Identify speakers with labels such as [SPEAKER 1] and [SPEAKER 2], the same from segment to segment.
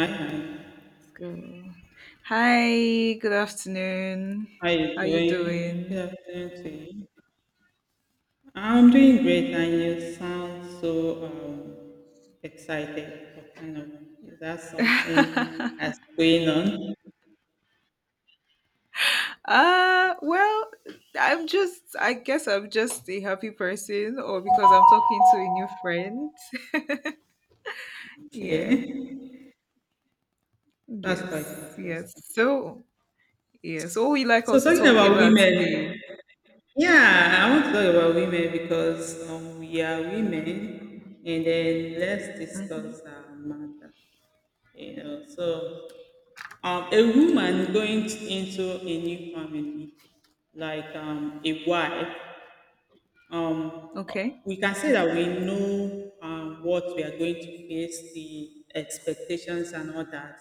[SPEAKER 1] Hi, hi.
[SPEAKER 2] Go. Hi, good afternoon.
[SPEAKER 1] How you
[SPEAKER 2] How you
[SPEAKER 1] doing? Good
[SPEAKER 2] doing?
[SPEAKER 1] afternoon to you. I'm doing great, and you sound so excited. What kind of is that something
[SPEAKER 2] uh
[SPEAKER 1] that's going on?
[SPEAKER 2] well, I guess I'm just a happy person or because I'm talking to a new friend. Yeah.
[SPEAKER 1] Okay, that's quite
[SPEAKER 2] Yes. Yes.
[SPEAKER 1] interesting.
[SPEAKER 2] So, yeah. So what we like
[SPEAKER 1] So
[SPEAKER 2] also
[SPEAKER 1] talking
[SPEAKER 2] talking
[SPEAKER 1] about
[SPEAKER 2] about today.
[SPEAKER 1] women, yeah, I want to talk about women because we are women, and then let's
[SPEAKER 2] Mhm.
[SPEAKER 1] discuss our matter. You know, so a woman going into a new family, like a wife, um,
[SPEAKER 2] Okay.
[SPEAKER 1] we can say that we know what we are going to face, the expectations and all that.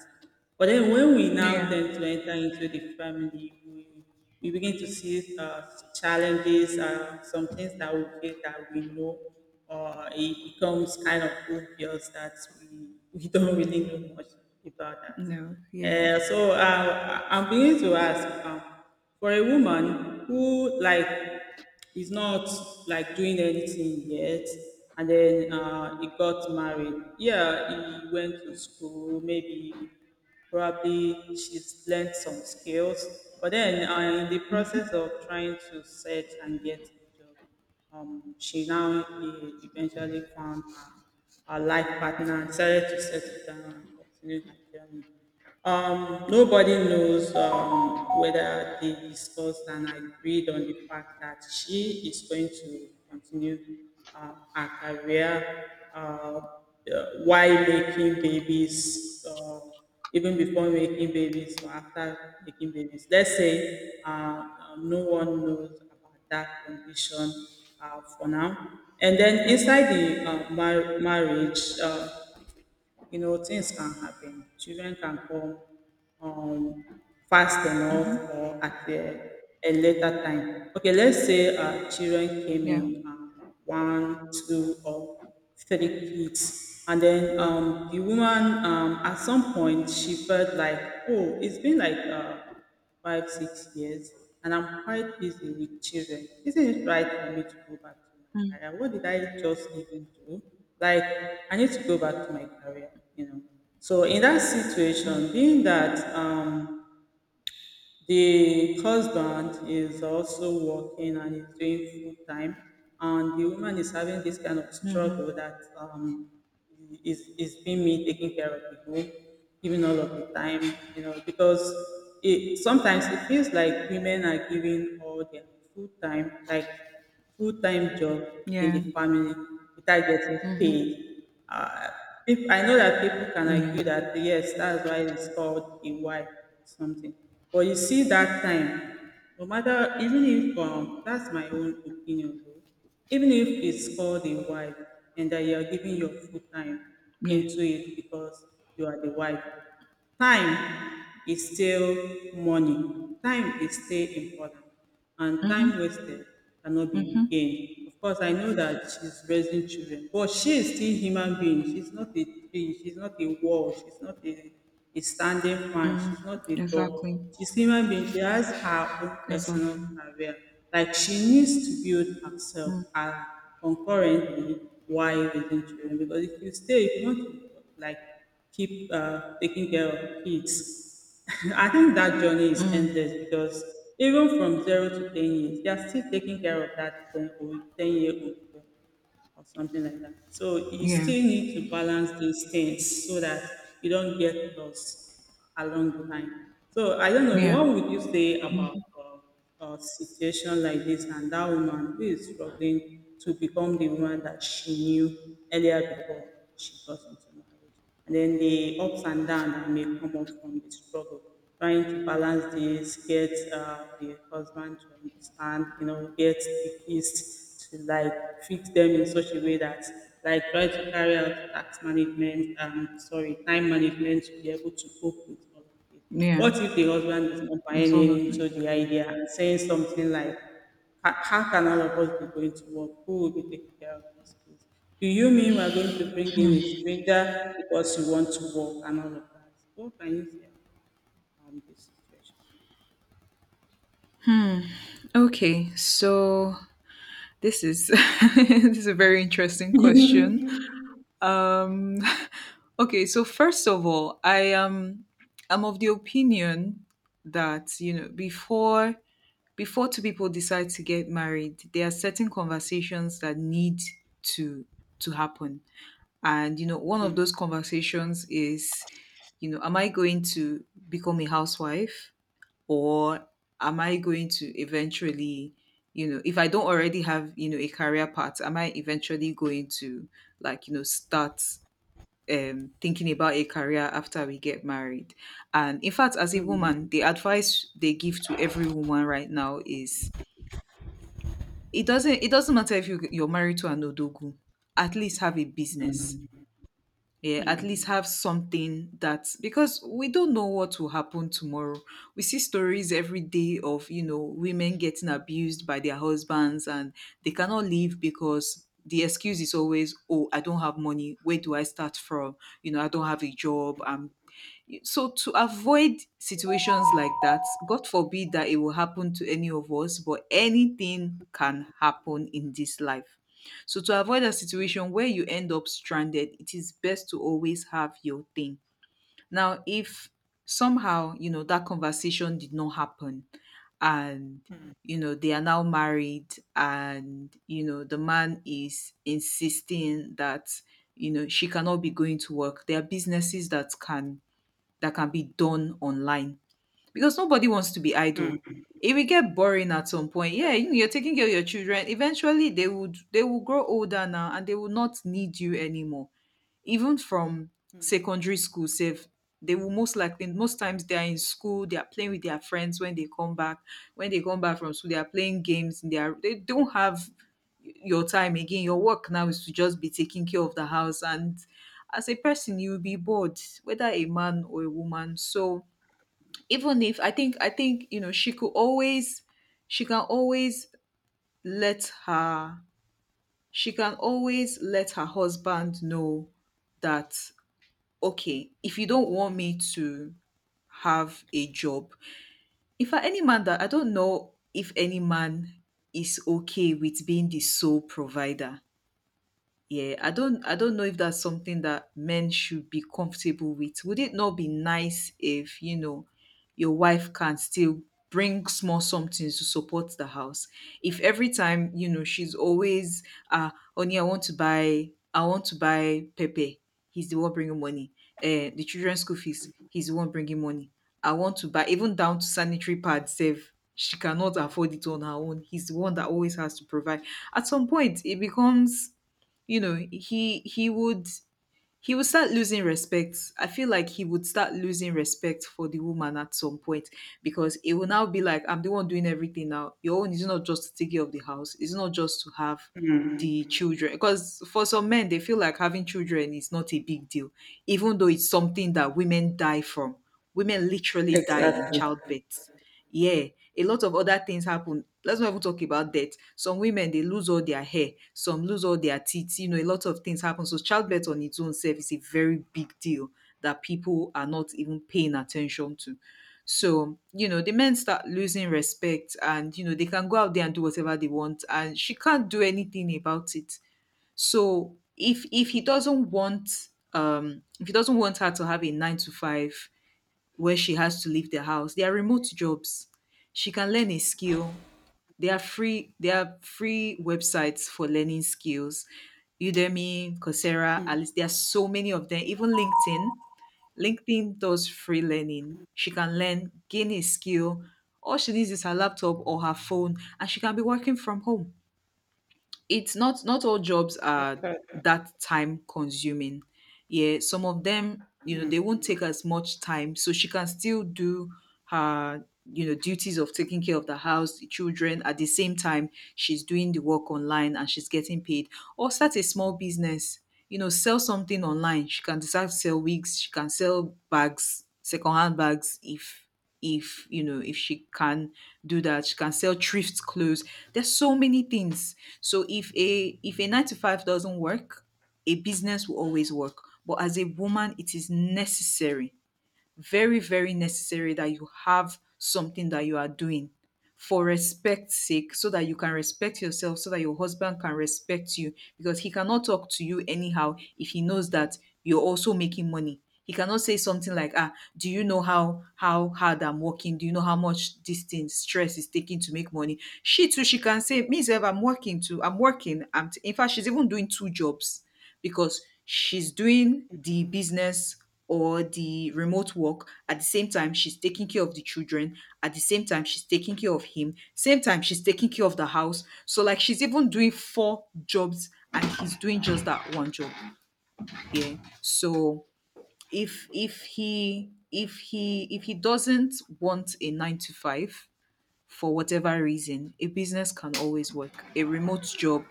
[SPEAKER 1] But then when we now
[SPEAKER 2] Yeah.
[SPEAKER 1] tend to enter into the family, we begin to see challenges, some things that we feel that we know, or it becomes kind of obvious that we don't really know much about that.
[SPEAKER 2] No. Yeah.
[SPEAKER 1] I'm beginning to ask, for a woman who like he's not like doing anything yet and then he got married, yeah, he went to school, maybe probably she's learned some skills, but then in the process of trying to search and get a job, she now eventually found her life partner and decided to settle down and continue her journey. Nobody knows whether they discussed and agreed on the fact that she is going to continue her career, while making babies. Or even before making babies or after making babies. Let's say no one knows about that condition for now. And then
[SPEAKER 2] Mhm.
[SPEAKER 1] inside the marriage, you know, things can happen. Children can come um, fast enough
[SPEAKER 2] Mhm.
[SPEAKER 1] or at a later time. Okay, let's say children came
[SPEAKER 2] Yeah.
[SPEAKER 1] in one, two, or three kids, and then the woman at some point she felt like, oh, it's been like five, 6 years, and I'm quite busy with children. Isn't it right for me to go back to my
[SPEAKER 2] Mm-hmm.
[SPEAKER 1] career? What did I just even do? Like, I need to go back to my career, you know. So in that situation, being that the husband is also working and he's doing full time, and the woman is having this kind of
[SPEAKER 2] Mm-hmm.
[SPEAKER 1] struggle that is being me taking care of the home, giving all of the time, you know, because it sometimes it feels like women are giving all their full time, like full-time job in
[SPEAKER 2] Yeah.
[SPEAKER 1] the family without getting
[SPEAKER 2] Mm-hmm.
[SPEAKER 1] paid. Uh, I know that people can argue
[SPEAKER 2] Yeah.
[SPEAKER 1] that yes, that's why it's called a wife or something. But you see that time, no matter even if that's my own opinion though, even if it's called a wife and that you are giving your full time
[SPEAKER 2] Yeah.
[SPEAKER 1] into it because you are the wife, time is still money, time is still important, and time
[SPEAKER 2] Mm-hmm.
[SPEAKER 1] wasted cannot be
[SPEAKER 2] Mm-hmm.
[SPEAKER 1] regained. Of course I know that she's raising children, but she is still human being. She's not a tree, she's not a wall, she's not a standing man.
[SPEAKER 2] Mm,
[SPEAKER 1] She's not a
[SPEAKER 2] exactly.
[SPEAKER 1] doll. She's human being. She has her own personal
[SPEAKER 2] Exactly.
[SPEAKER 1] career. Like she needs to build herself
[SPEAKER 2] Mm,
[SPEAKER 1] and concurrently while raising children. Because if you stay, if you want to like keep taking care of kids, I think that journey is
[SPEAKER 2] mm,
[SPEAKER 1] endless because even from 0 to 10 years, they are still taking care of that 10 or 10 year old or something like that. So you
[SPEAKER 2] yeah.
[SPEAKER 1] still need to balance these things so that you don't get lost along the line. So I don't know
[SPEAKER 2] Yeah.
[SPEAKER 1] what would you say about a situation like this and that woman who is struggling to become the woman that she knew earlier before she got into marriage. And then the ups and downs that may come up from the struggle, trying to balance this, get the husband to understand, you know, get the kids to like treat them in such a way that like try to carry out tax management, sorry, time management to be able to cope with all of this.
[SPEAKER 2] Yeah.
[SPEAKER 1] What if the husband is not
[SPEAKER 2] With
[SPEAKER 1] buying
[SPEAKER 2] all of them.
[SPEAKER 1] into the idea and saying something like, how, how can all of us be going to work? Who will be taking care of this? Do you mean we're going to bring in a stranger because you want to work and all of that? What can you say about this situation?
[SPEAKER 2] Okay. So this is this is a very interesting question. Um okay, so first of all, I am I'm of the opinion that, you know, before two people decide to get married, there are certain conversations that need to to happen. And you know, one of
[SPEAKER 1] Hmm.
[SPEAKER 2] those conversations is, you know, am I going to become a housewife, or am I going to eventually, you know, if I don't already have, you know, a career path, am I eventually going to, like, you know, start thinking about a career after we get married? And in fact, as a woman, the advice they give to every woman right now is, it doesn't matter if you're married to an odogu, at least have a business, yeah, at least have something, that, because we don't know what will happen tomorrow. We see stories every day of, you know, women getting abused by their husbands, and they cannot leave because the excuse is always, oh, I don't have money. Where do I start from? You know, I don't have a job. I'm so to avoid situations like that, God forbid that it will happen to any of us, but anything can happen in this life. So to avoid a situation where you end up stranded, it is best to always have your thing. Now, if somehow, you know, that conversation did not happen, and you know they are now married, and you know the man is insisting that, you know, she cannot be going to work, there are businesses that can be done online, because nobody wants to be idle.
[SPEAKER 1] Hmm.
[SPEAKER 2] It will get boring at some point. Yeah, you know, you're taking care of your children. Eventually, they will grow older now, and they will not need you anymore, even from secondary school sef. They will, most times they are in school, they are playing with their friends. When they come back from school, they are playing games in their, they don't have your time again. Your work now is to just be taking care of the house, and as a person you will be bored, whether a man or a woman. So, even if, I think, you know, she can always let her she can always let her husband know that, okay, if you don't want me to have a job, in fact, any man that, I don't know if any man is okay with being the sole provider. Yeah, I don't know if that's something that men should be comfortable with. Would it not be nice if, you know, your wife can still bring small somethings to support the house? If every time, you know, she's always, uh honey, I want to buy Pepe. He's the one bringing money. The children's school fees, he's the one bringing money. I want to buy, even down to sanitary pads save. She cannot afford it on her own. He's the one that always has to provide. At some point, it becomes, you know, he would start losing respect. I feel like he would start losing respect for the woman at some point, because it will now be like, I'm the one doing everything. Now, your own is not just to take care of the house, it's not just to have
[SPEAKER 1] Hmm.
[SPEAKER 2] the children, because for some men they feel like having children is not a big deal, even though it's something that women die from. Women literally die in
[SPEAKER 1] Exactly.
[SPEAKER 2] childbirth. Yeah, a lot of other things happen. Let's not even talk about death. Some women, they lose all their hair, some lose all their teeth. You know, a lot of things happen. So childbirth on its own self is a very big deal that people are not even paying attention to. So, you know, the men start losing respect, and you know they can go out there and do whatever they want, and she can't do anything about it. So if he doesn't want her to have a nine to five, where she has to leave the house. They are remote jobs. She can learn a skill. There are free websites for learning skills. Udemy, Coursera,
[SPEAKER 1] Mm,
[SPEAKER 2] Alice. There are so many of them. Even LinkedIn. LinkedIn does free learning. She can learn, gain a skill. All she needs is her laptop or her phone, and she can be working from home. It's not not all jobs are
[SPEAKER 1] exactly.
[SPEAKER 2] that time consuming. Yeah, some of them, you know, they won't take as much time, so she can still do her, you know, duties of taking care of the house, the children, at the same time she's doing the work online and she's getting paid. Or start a small business, you know, sell something online. She can decide to sell wigs, she can sell bags, secondhand bags, if you know, if she can do that, she can sell thrift clothes. There's so many things. So if a nine to five doesn't work, a business will always work. But as a woman, it is necessary, very, very necessary, that you have something that you are doing, for respect's sake, so that you can respect yourself, so that your husband can respect you, because he cannot talk to you anyhow if he knows that you're also making money. He cannot say something like, ah, do you know how hard I'm working? Do you know how much this thing stress is taking to make money? She too, she can say, me, Zev, I'm working too. I'm working. In fact, she's even doing two jobs, because she's doing the business or the remote work, at the same time she's taking care of the children, at the same time she's taking care of him, same time she's taking care of the house. So, like, she's even doing four jobs, and he's doing just that one job, yeah. So if he doesn't want a 9 to 5 for whatever reason, a business can always work, a remote job,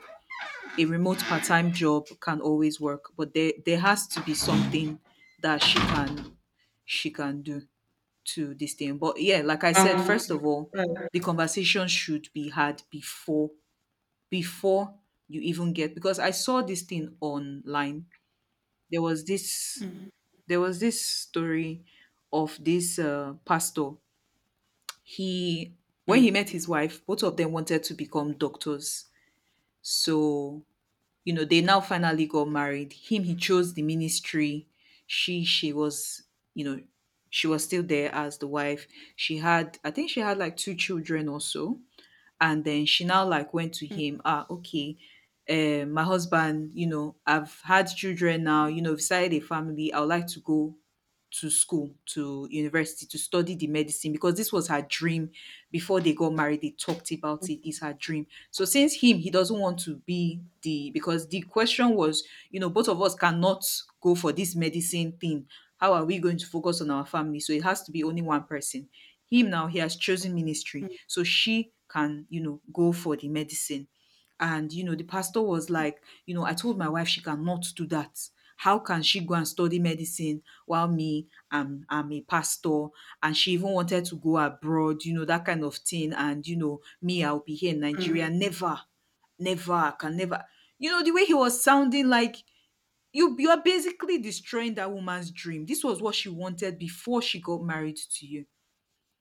[SPEAKER 2] a remote part-time job, can always work, but there has to be something that she can do to this thing. But yeah, like I said,
[SPEAKER 1] Um,
[SPEAKER 2] first of all,
[SPEAKER 1] right.
[SPEAKER 2] the conversation should be had before, before you even get, because I saw this thing online. There was this there was this story of this, pastor. He, when he met his wife, both of them wanted to become doctors. So, you know, they now finally got married, him, he chose the ministry. She she was you know she was still there as the wife. She had, I think, she had like two children or so. And then she now, like, went to him, ah, okay, my husband, you know, I've had children now, you know, I've started a family. I would like to go to school, to university, to study the medicine, because this was her dream before they got married. They talked about it. It's her dream. So since him, he doesn't want to be the, because the question was, you know, both of us cannot go for this medicine thing. How are we going to focus on our family? So it has to be only one person. Him, now, he has chosen ministry. So she can, you know, go for the medicine. And you know, the pastor was like, you know, I told my wife she cannot do that. How can she go and study medicine, while me, I'm a pastor, and she even wanted to go abroad, you know, that kind of thing. And you know, me, I'll be here in Nigeria. Never, never, I can never. You know, the way he was sounding, like, you are basically destroying that woman's dream. This was what she wanted before she got married to you.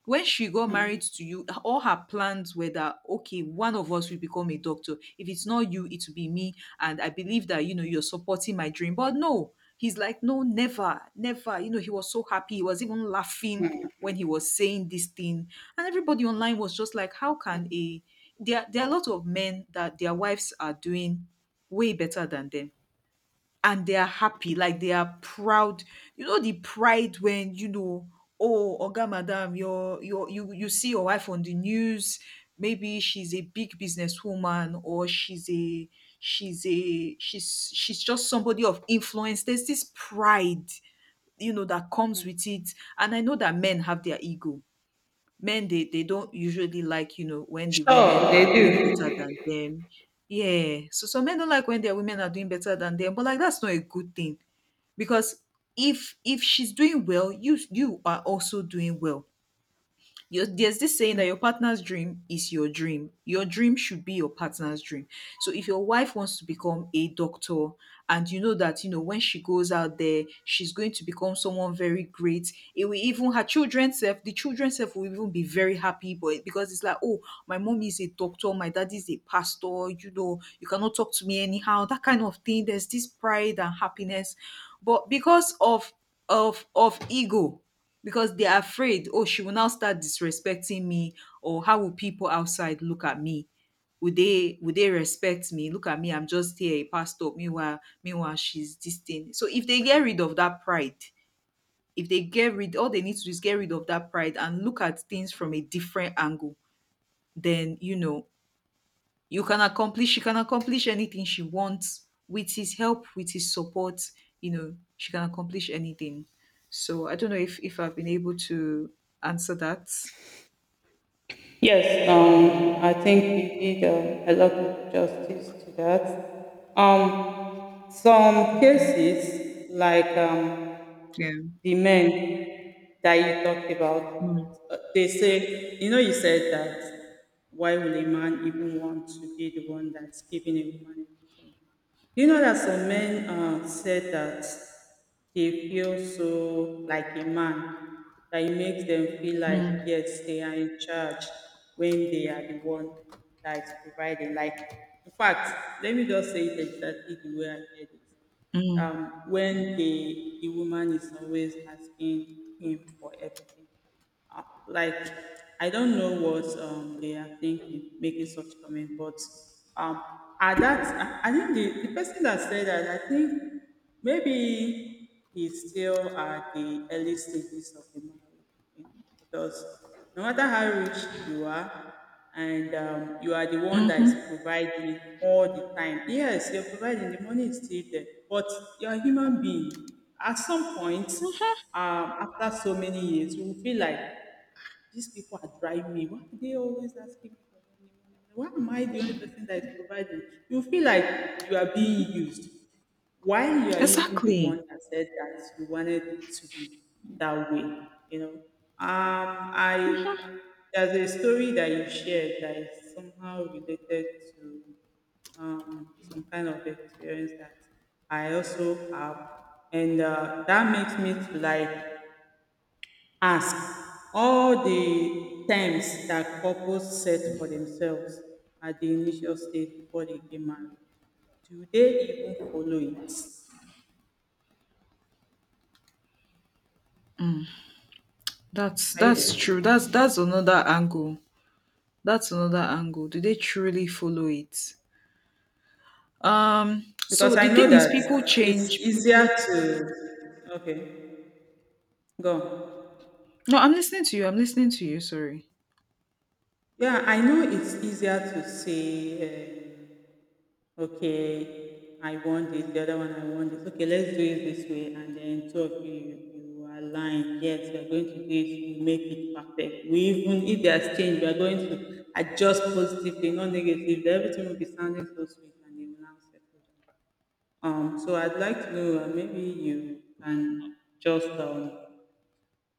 [SPEAKER 2] When she got married to you, all her plans were that, okay, one of us will become a doctor. If it's not you, it will be me, and I believe that, you know, you're supporting my dream. But no, he's like, no, never, never. You know, he was so happy, he was even laughing when he was saying this thing. And everybody online was just like, how can a there are a lot of men that their wives are doing way better than them, and they are happy, like they are proud. You know the pride when, you know, oh, Oga Madam, you see your wife on the news. Maybe she's a big businesswoman, or she's a she's a she's she's just somebody of influence. There's this pride, that comes with it. And I know that men have their ego. Men, they don't usually like when the women are doing better than them. Yeah, so some men don't like when their women are doing better than them, but like, that's not a good thing, because if she's doing well, you are also doing well. Your There's this saying that your partner's dream is your dream. Your dream should be your partner's dream. So if your wife wants to become a doctor, and you know that when she goes out there, she's going to become someone very great. It will even her children self, the children self will even be very happy, but because it's like, oh, my mom is a doctor, my dad is a pastor, you cannot talk to me anyhow, that kind of thing. There's this pride and happiness. But because of ego, because they're afraid, oh, she will now start disrespecting me, or how will people outside look at me? Would they respect me? Look at me, I'm just here, a pastor. Meanwhile, she's this thing. So if they get rid of that pride, if they get rid, all they need to do is get rid of that pride and look at things from a different angle. Then, you know, you can accomplish she can accomplish anything she wants, with his help, with his support. You know, she can accomplish anything. So I don't know if I've been able to answer that.
[SPEAKER 1] Yes,
[SPEAKER 2] um
[SPEAKER 1] I think we did a lot of justice to that. Some
[SPEAKER 2] yeah,
[SPEAKER 1] cases, like
[SPEAKER 2] yeah.
[SPEAKER 1] the men that you talked
[SPEAKER 2] Mm,
[SPEAKER 1] about, they say, you know, you said that why will a man even want to be the one that's giving a woman everything? You know that some men said that they feel so like a man, that it makes them feel like,
[SPEAKER 2] mm,
[SPEAKER 1] yes, they are in charge when they are the one that is providing. Like, in fact, let me just say it exactly the way I heard it.
[SPEAKER 2] mm,
[SPEAKER 1] When the woman is always asking him for everything. Like I don't know what they are thinking making such comment, but um, at that I think the person that said that, I think maybe he's still at the early stages of the marriage, yeah, because no matter how rich you are. And you are the one that is
[SPEAKER 2] hmm.
[SPEAKER 1] providing all the time. Yes, you're providing, the money is still there, but you're a human being. At some point, after so many years, you will feel like these people are driving me. Why are they always asking me for money, money, money? Why am I the only person that is providing? You feel like you are being used. Why you are even the one
[SPEAKER 2] Exactly.
[SPEAKER 1] that said that you wanted it to be that way, you know. I There's a story that you shared that is somehow related to some kind of experience that I also have, and that makes me to like ask, all the times that couples set for themselves at the initial stage before they get married, do they even follow it?
[SPEAKER 2] that's
[SPEAKER 1] Are you
[SPEAKER 2] that's
[SPEAKER 1] there?
[SPEAKER 2] true. That's another angle. That's another angle. Do they truly follow it? So
[SPEAKER 1] Because I
[SPEAKER 2] the
[SPEAKER 1] know
[SPEAKER 2] thing is,
[SPEAKER 1] that
[SPEAKER 2] people
[SPEAKER 1] it's
[SPEAKER 2] change,
[SPEAKER 1] easier
[SPEAKER 2] people.
[SPEAKER 1] to. Okay, go.
[SPEAKER 2] No, I'm listening to you, sorry.
[SPEAKER 1] Yeah, I know it's easier to say, okay, I want this, the other one I want this. Okay, let's do it this way, and then two of you align. Yes, we are going to do it. We make it perfect. We even if there's change, we are going to adjust positively, not negatively. Everything will be sounding so sweet, and it will now settle down. So I'd like to know, maybe you can just um,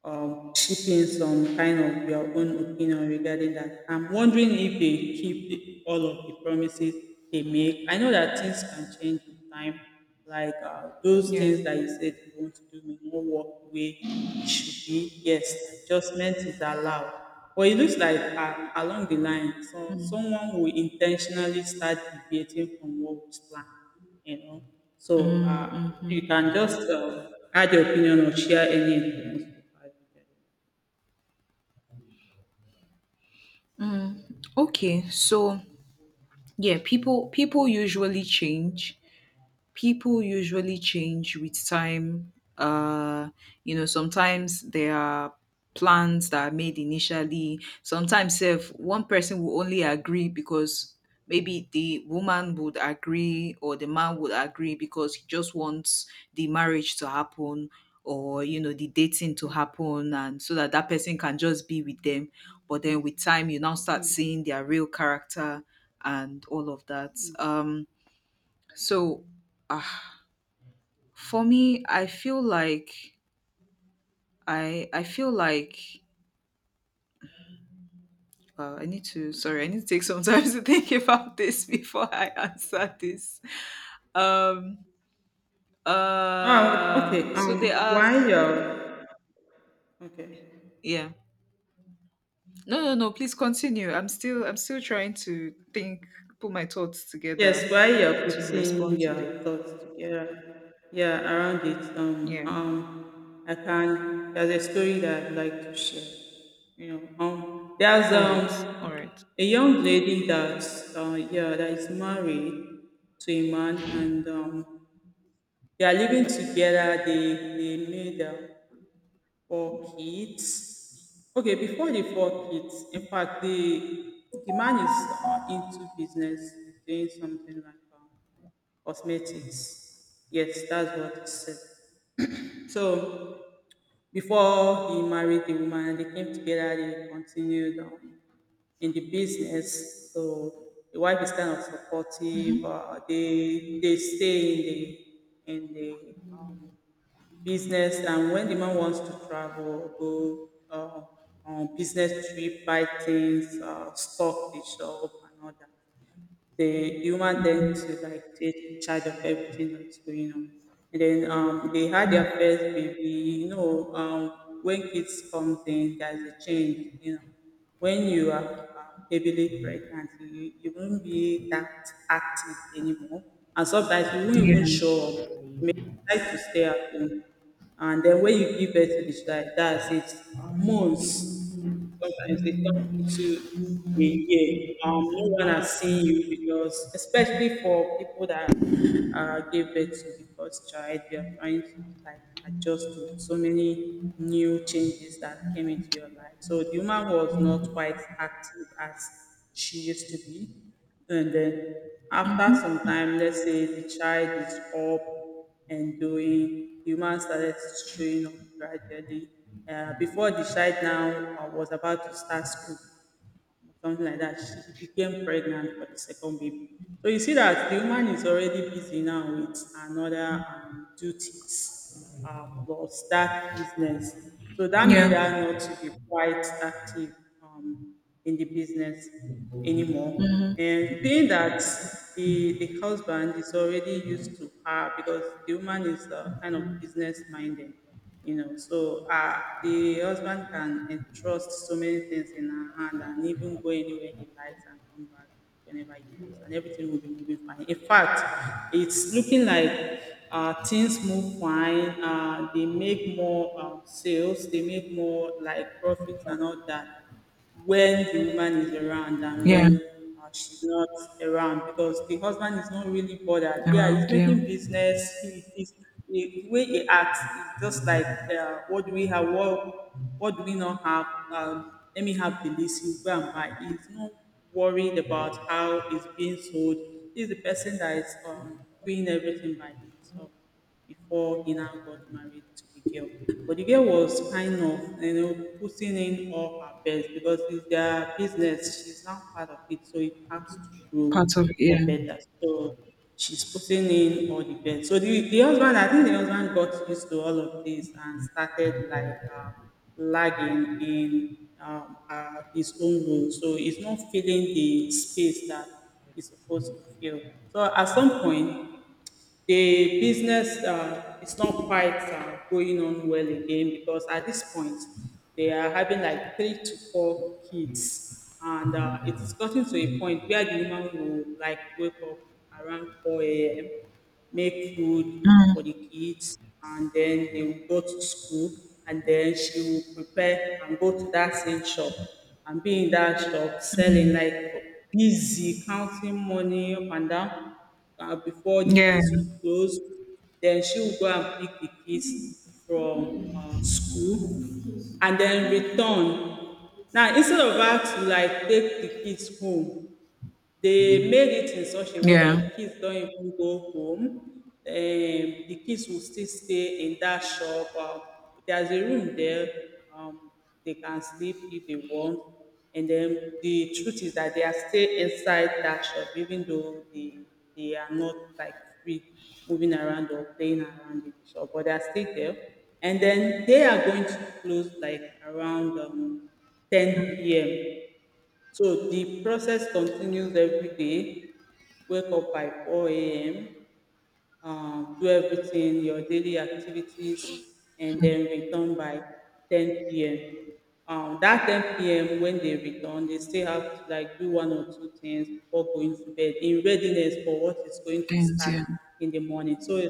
[SPEAKER 1] um, chip in some kind of your own opinion regarding that. I'm wondering if they keep all of the promises they make. I know that things can change with time, like those
[SPEAKER 2] Yeah.
[SPEAKER 1] things that you said you want to do may not work the way it should be. Yes, adjustment is allowed. But it looks like along the line, so
[SPEAKER 2] Mm.
[SPEAKER 1] someone will intentionally start deviating from what was planned, you know. So
[SPEAKER 2] Mm, mhm.
[SPEAKER 1] you can just add your opinion or share any influence.
[SPEAKER 2] Mm. Okay, so yeah, people usually change. People usually change with time. Uh, Sometimes there are plans that are made initially. Sometimes if one person will only agree, because maybe the woman would agree, or the man would agree because he just wants the marriage to happen, or the dating to happen, and so that that person can just be with them. But then with time, you now start seeing their real character and all of that. So, ah. for me, I feel like I need to sorry, I need to take some time to think about this before I answer this. Um
[SPEAKER 1] Ah, okay.
[SPEAKER 2] so there are.
[SPEAKER 1] While you're Okay,
[SPEAKER 2] Yeah. No, no, no, please continue. I'm still trying to think, put my thoughts together
[SPEAKER 1] yes, while you're
[SPEAKER 2] to respond
[SPEAKER 1] putting
[SPEAKER 2] to this.
[SPEAKER 1] your thoughts together, yeah, around it,
[SPEAKER 2] Yeah.
[SPEAKER 1] I can. There's a story that I'd like to share. You know, there's
[SPEAKER 2] All right. All right.
[SPEAKER 1] a young lady that, yeah, that is married to a man, and they are living together. They made four kids. Okay, before the four kids, in fact, the man is into business, he's doing something like cosmetics. Yes, that's what he said. So before he married the woman, they came together. They continued in the business. So the wife is kind of supportive. They stay in the business, and when the man wants to travel, go on business trip, buy things, stock the shop and all that, the human tend to like take charge of everything that's going on. And then they had their first baby, you know. When kids comes in, there's a change, you know. When you are heavily pregnant, you won't be that active anymore, and sometimes you won't even
[SPEAKER 2] Yeah.
[SPEAKER 1] show up, tries to stay at home. And then when you give birth to the child, that's it. Months. Sometimes it comes into a year. No one has seen you because, especially for people that gave birth to the first child, they are trying to like adjust to so many new changes that came into your life. So the woman was not quite active as she used to be. And then after
[SPEAKER 2] Mhm.
[SPEAKER 1] some time, let's say the child is up and doing, the woman started showing up gradually. Before the child now was about to start school, something like that. She became pregnant for the second baby. So you see that the woman is already busy now with another duties plus that business. So that made
[SPEAKER 2] Yeah.
[SPEAKER 1] her not to be quite active um, in the business anymore.
[SPEAKER 2] Hmm.
[SPEAKER 1] And being that the husband is already used to her because the woman is kind of business minded, you know, so the husband can entrust so many things in her hand and even go anywhere he likes and come back whenever he wants and everything will be moving fine. In fact, it's looking like things move fine. They make more sales, they make more like profits and all that when the woman is around, and
[SPEAKER 2] Yeah.
[SPEAKER 1] when she's not around, because the husband is not really bothered. Yeah, he's
[SPEAKER 2] Around. Yeah.
[SPEAKER 1] making business. He, the way he acts is just like, what do we have? What do we not have? Let me have the list. You go and buy. He's not worried about how it's being sold. He's the person that is doing everything by himself before he now got married to the girl. But the girl was kind of, you know, putting in all her best because it's their business. She's now part of it, so it has to grow
[SPEAKER 2] Part of, yeah.
[SPEAKER 1] for better. So she's putting in all the best. So the husband, I think the husband got used to all of this and started like lagging in his own role. So he's not feeling the space that he's supposed to feel. So at some point, the business is not quite going on well again, because at this point they are having like three to four kids, and it's gotten to a point where the woman will like wake up around 4 a.m, make food for
[SPEAKER 2] Mm.
[SPEAKER 1] the kids, and then they will go to school, and then she will prepare and go to that same shop and be in that shop selling, like busy counting money up and down before the
[SPEAKER 2] Yeah.
[SPEAKER 1] kids will close. Then she will go and pick the kids from school and then return. Now, instead of her to like take the kids home, they made it in such a way
[SPEAKER 2] Yeah.
[SPEAKER 1] that kids don't even go home. The kids will still stay in that shop. There's a room there. Um, they can sleep if they want. And then the truth is that they are still inside that shop, even though they are not like free moving around or playing around in the shop, but they are still there. And then they are going to close like around 10 p.m. So the process continues every day. Wake up by 4 a.m., do everything, your daily activities, and then return by 10 p.m. That 10 p.m. when they return, they still have to like do one or two things before going to bed in readiness for what is going to
[SPEAKER 2] Ends,
[SPEAKER 1] start
[SPEAKER 2] yeah.
[SPEAKER 1] in the morning. So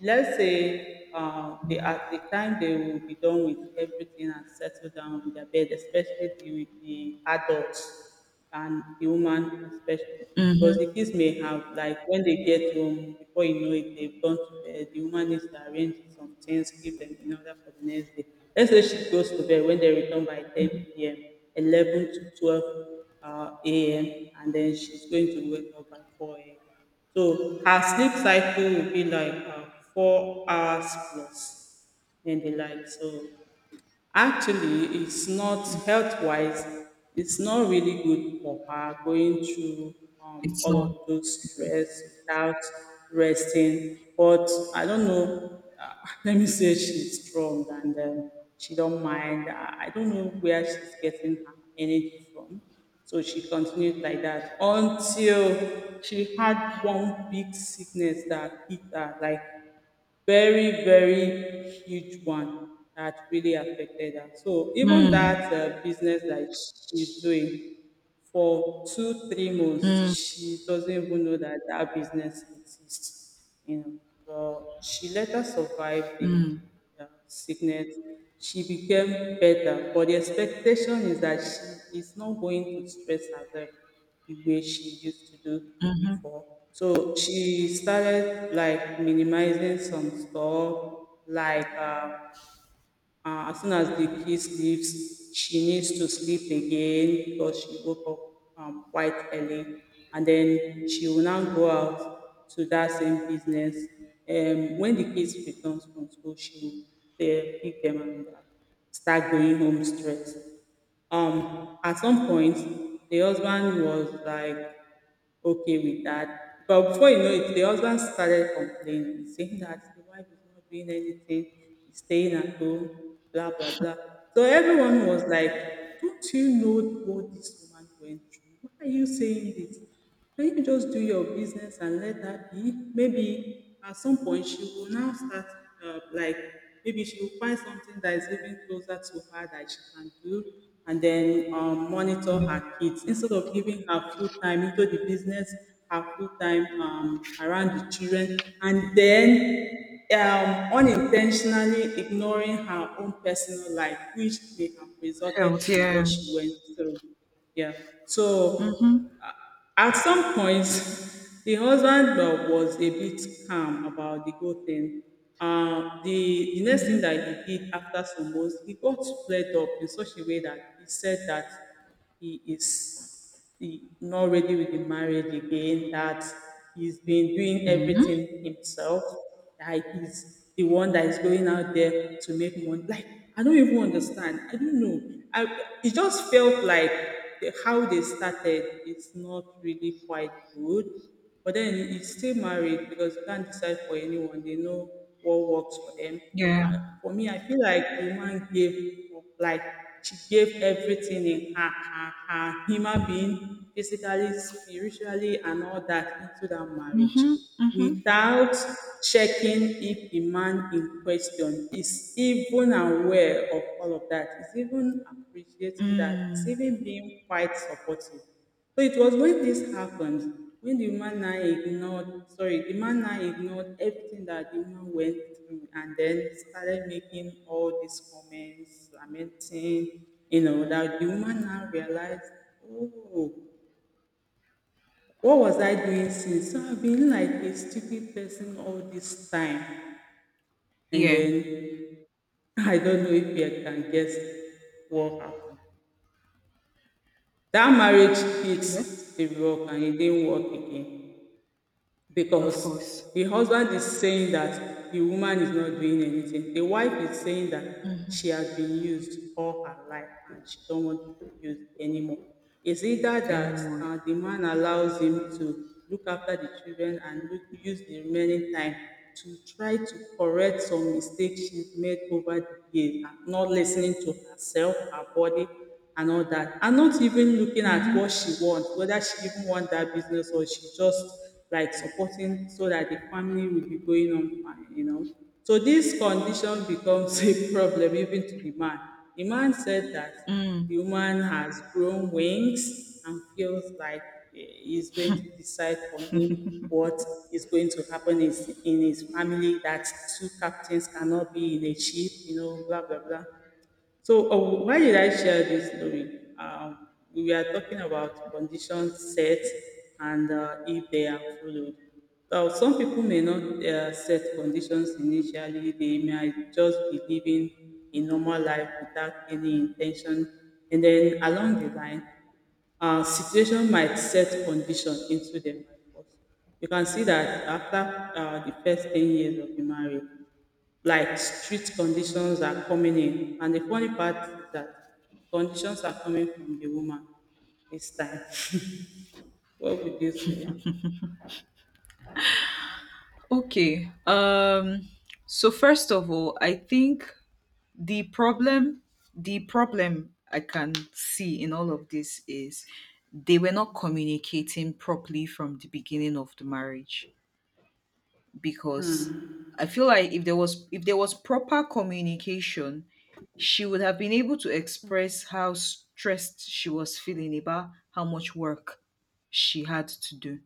[SPEAKER 1] let's say they at the time they will be done with everything and settle down in their bed, especially the adults and the woman especially. Because
[SPEAKER 2] Mhm.
[SPEAKER 1] the kids may have, like, when they get home, before you know it, they've gone to bed. The woman needs to arrange some things, give them in order for the next day. Let's say she goes to bed when they return by 10 p.m., 11 to 12 a.m., and then she's going to wake up by 4 a.m. So her sleep cycle will be like 4 hours plus, maybe like so. Actually, it's not health wise, it's not really good for her going through
[SPEAKER 2] It's
[SPEAKER 1] all
[SPEAKER 2] not.
[SPEAKER 1] of those stress without resting. But I don't know, let me say she's strong and she don't mind. I don't know where she's getting her energy from. So she continued like that until she had one big sickness that hit her, like very, very huge one that really affected her. So even
[SPEAKER 2] Mm,
[SPEAKER 1] that business that she's doing, for 2, 3 months,
[SPEAKER 2] mm,
[SPEAKER 1] she doesn't even know that that business exists, you know. But she later survived the
[SPEAKER 2] mm,
[SPEAKER 1] sickness. She became better, but the expectation is that she is not going to stress herself the way she used to do
[SPEAKER 2] mhm,
[SPEAKER 1] before. So she started like minimizing some stuff, like as soon as the kid sleeps, she needs to sleep again because she woke up quite early. And then she will now go out to that same business. When the kids returns from school, she will pick them and start going home straight. At some point, the husband was like okay with that. But before you know it, the husband started complaining, saying that the wife is not doing anything, is staying at home, blah, blah, blah. So everyone was like, don't you know what this woman went through? Why are you saying this? Can you just do your business and let her be? Maybe at some point she will now start, uh, like, maybe she will find something that is even closer to her that she can do, and then monitor
[SPEAKER 2] yeah.
[SPEAKER 1] her kids instead of giving her full time into the business, her full time around the children, and then unintentionally ignoring her own personal life, which may have resulted
[SPEAKER 2] Health,
[SPEAKER 1] to what
[SPEAKER 2] yeah.
[SPEAKER 1] she went through. Yeah.
[SPEAKER 2] Mhm,
[SPEAKER 1] So uh, at some point, the husband was a bit calm about the whole thing. The next thing
[SPEAKER 2] mhm,
[SPEAKER 1] that he did after some months, he got flared up in such a way that he said that he is he not ready with the marriage again, that he's been doing
[SPEAKER 2] mhm,
[SPEAKER 1] everything himself, that is the one that is going out there to make money. Like, I don't even understand. I don't know. I, it just felt like how they started is not really quite good. But then it's still married because you can't decide for anyone. They know what works for them.
[SPEAKER 2] yeah.
[SPEAKER 1] For me, I feel like the woman gave, like she gave everything in her, her human being, physically, spiritually, and all that into that marriage
[SPEAKER 2] Mhm, mhm,
[SPEAKER 1] without checking if the man in question is even aware of all of that, is even appreciating that, is
[SPEAKER 2] mm.
[SPEAKER 1] even being quite supportive. So it was when this happened, when the man now ignored, sorry, the man now ignored everything that the woman went through and then started making all these comments, lamenting, you know, that the woman now realized, oh, what was I doing since? So I've been like a stupid person all this time. And
[SPEAKER 2] Yeah.
[SPEAKER 1] then I don't know if you can guess what happened. That marriage hit
[SPEAKER 2] She left?
[SPEAKER 1] the rock and it didn't work again,
[SPEAKER 2] Of course.
[SPEAKER 1] because the husband is saying that the woman is not doing anything. The wife is saying that
[SPEAKER 2] Mhm.
[SPEAKER 1] she has been used all her life and she don't want to be used anymore. It's either that
[SPEAKER 2] Anymore.
[SPEAKER 1] the man allows him to look after the children and look, use the remaining time to try to correct some mistakes she's made over the years and not listening to herself, her body, and all that. And not even looking at
[SPEAKER 2] Mhm.
[SPEAKER 1] what she wants, whether she even wants that business or she just like supporting so that the family will be going on fine, you know. So this condition becomes a problem even to the man. The man said that
[SPEAKER 2] Mm.
[SPEAKER 1] the woman has grown wings and feels like eh, he's going to decide for him what is going to happen is in his family, that two captains cannot be in a ship, you know, blah blah blah. So, why did I share this story? We were talking about conditions set and if they are followed. So some people may not set conditions initially, they might just be living a normal life without any intention. And then along the line, situation might set condition into their life. You can see that after the first 10 years of the marriage, like street conditions are coming in. And the funny part is that conditions are coming from the woman this time. What would you say?
[SPEAKER 2] Okay. So first of all, I think the problem the problem I can see in all of this is they were not communicating properly from the beginning of the marriage, because I feel like if there was proper communication, she would have been able to express how stressed she was feeling about how much work she had to do.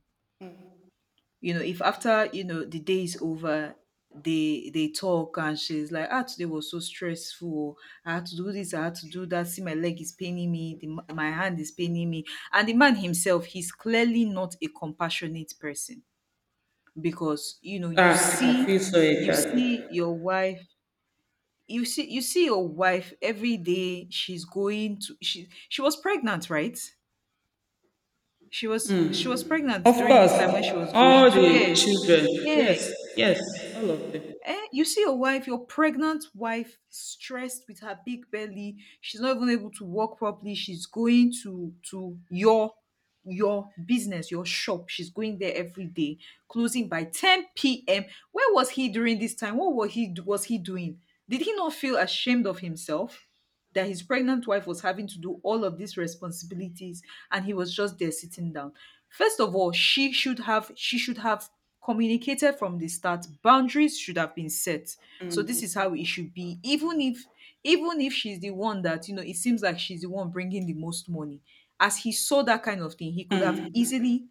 [SPEAKER 2] You know, if after the day is over, they talk, and she's like, ah, today was so stressful, I had to do this, I had to do that, see, my leg is paining me, my hand is paining me. And the man himself, he's clearly not a compassionate person, because you
[SPEAKER 1] Ah, I
[SPEAKER 2] see
[SPEAKER 1] feel so
[SPEAKER 2] you
[SPEAKER 1] excited.
[SPEAKER 2] see your wife. You see your wife every day, she's going to she was pregnant, right? She was pregnant
[SPEAKER 1] Of
[SPEAKER 2] during
[SPEAKER 1] course,
[SPEAKER 2] this time when she was going
[SPEAKER 1] all
[SPEAKER 2] to,
[SPEAKER 1] the
[SPEAKER 2] yeah.
[SPEAKER 1] children.
[SPEAKER 2] Yeah.
[SPEAKER 1] Yes, yes, all of them.
[SPEAKER 2] Eh, you see your wife, your pregnant wife, stressed with her big belly. She's not even able to work properly. She's going to your business, your shop. She's going there every day, closing by 10 p.m. Where was he during this time? What was he doing? Did he not feel ashamed of himself, that his pregnant wife was having to do all of these responsibilities, and he was just there sitting down? First of all, she should have communicated from the start. Boundaries should have been set. So this is how it should be, even if she's the one that, it seems like she's the one bringing the most money. As he saw that kind of thing, he could have easily,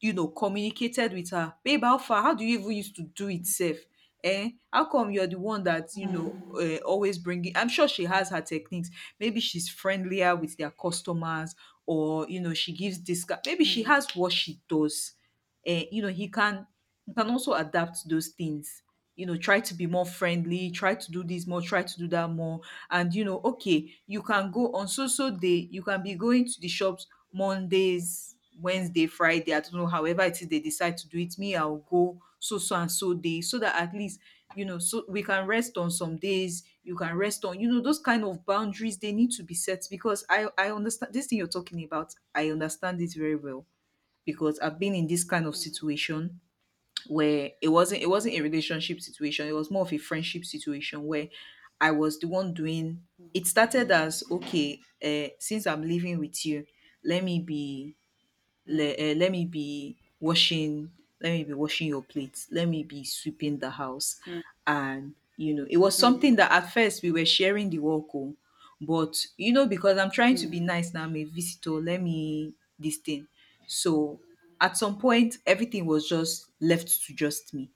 [SPEAKER 2] communicated with her, babe, how far? How do you even used to do it safe? Eh? How come you're the one that, you know, always bringing? I'm sure she has her techniques. Maybe she's friendlier with their customers, or, you know, she gives discount. Maybe she has what she does. Eh, you know, he can also adapt those things. You know, try to be more friendly, try to do this more, try to do that more. And, you know, okay, you can go on so so day, you can be going to the shops Mondays, Wednesday, Friday, I don't know, however it is they decide to do it. Me, I'll go so so and so day, so that at least, you know, so we can rest on some days, you can rest on, you know, those kind of boundaries, they need to be set, because I understand this thing you're talking about, I understand it very well, because I've been in this kind of situation, where it wasn't a relationship situation, it was more of a friendship situation, where I was the one doing. It started as, okay, since I'm living with you, let me be, le, eh, let me be washing let me be washing your plates, let me be sweeping the house. And you know, it was something that at first we were sharing the work on, but, because I'm trying to be nice, now I'm a visitor, let me this thing. So at some point, everything was just left to just me.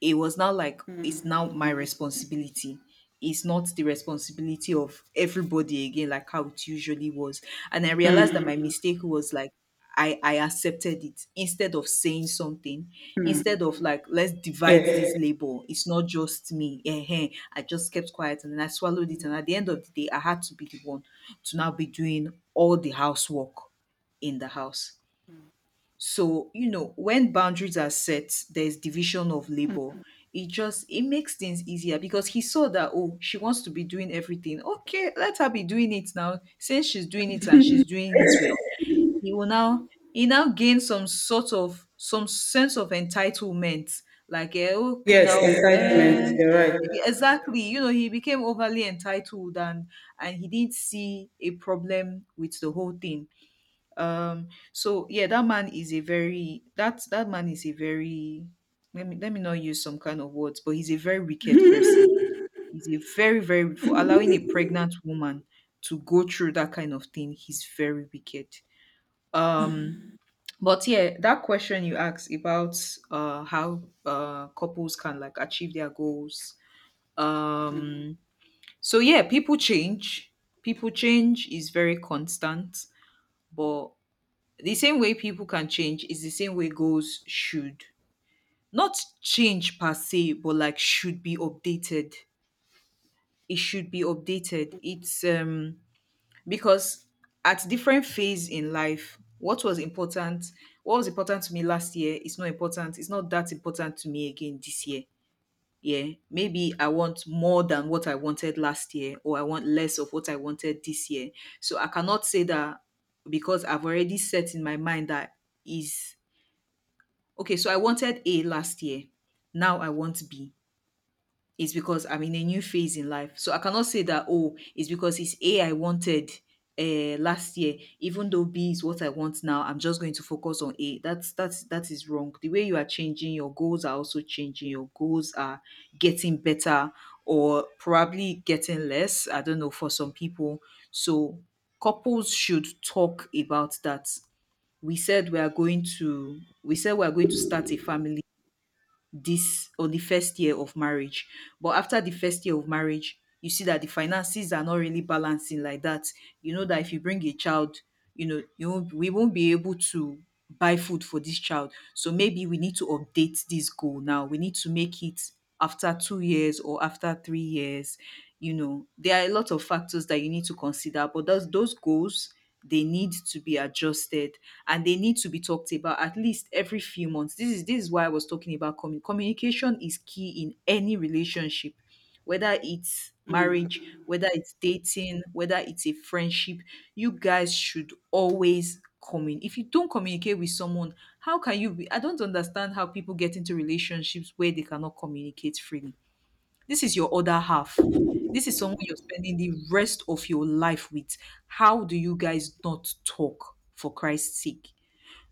[SPEAKER 2] It was now like it's now my responsibility. It's not the responsibility of everybody again, like how it usually was. And I realized that my mistake was like I accepted it instead of saying something, instead of like, let's divide
[SPEAKER 1] Yes,
[SPEAKER 2] this labor. It's not just me. Ehen. I just kept quiet, and then I swallowed it. And at the end of the day, I had to be the one to now be doing all the housework in the house. So, you know, when boundaries are set, there's division of labor. It makes things easier, because he saw that, oh, she wants to be doing everything. Okay, let her be doing it now. Since she's doing it, and she's doing it well, he will now he now gains some sort of some sense of entitlement. Like, eh, okay,
[SPEAKER 1] yes,
[SPEAKER 2] now,
[SPEAKER 1] entitlement.
[SPEAKER 2] eh,
[SPEAKER 1] You're right.
[SPEAKER 2] exactly. You know, he became overly entitled, and he didn't see a problem with the whole thing. So yeah, that man is a very that that man is a very let me not use some kind of words, but he's a very wicked person. He's a very, very, for allowing a pregnant woman to go through that kind of thing, he's very wicked. um but yeah, that question you asked about, uh, how, uh, couples can like achieve their goals, um so yeah, people change. People change is very constant. But the same way people can change is the same way goals should not change per se, but like should be updated. It should be updated. It's, because at different phase in life, what was important to me last year is not important, it's not that important to me again this year. Yeah. Maybe I want more than what I wanted last year, or I want less of what I wanted this year. So I cannot say that, because I've already set in my mind that is, okay, so I wanted A last year. Now I want B. It's because I'm in a new phase in life. So I cannot say that, oh, it's because it's A I wanted, last year, even though B is what I want now, I'm just going to focus on A. That is wrong. The way you are changing, your goals are also changing. Your goals are getting better, or probably getting less. I don't know for some people. So couples should talk about that. We said we are going to we said we are going to start a family this on the first year of marriage. But after the first year of marriage, you see that the finances are not really balancing like that. You know that if you bring a child, you know, you won't, we won't be able to buy food for this child. So maybe we need to update this goal now. We need to make it after 2 years or after 3 years. You know, there are a lot of factors that you need to consider, but those goals they need to be adjusted and they need to be talked about at least every few months. This is why I was talking about communication is key in any relationship, whether it's marriage, whether it's dating, whether it's a friendship. You guys should always communicate. If you don't communicate with someone, how can you be? I don't understand how people get into relationships where they cannot communicate freely. This is your other half. This is someone you're spending the rest of your life with. How do you guys not talk for Christ's sake?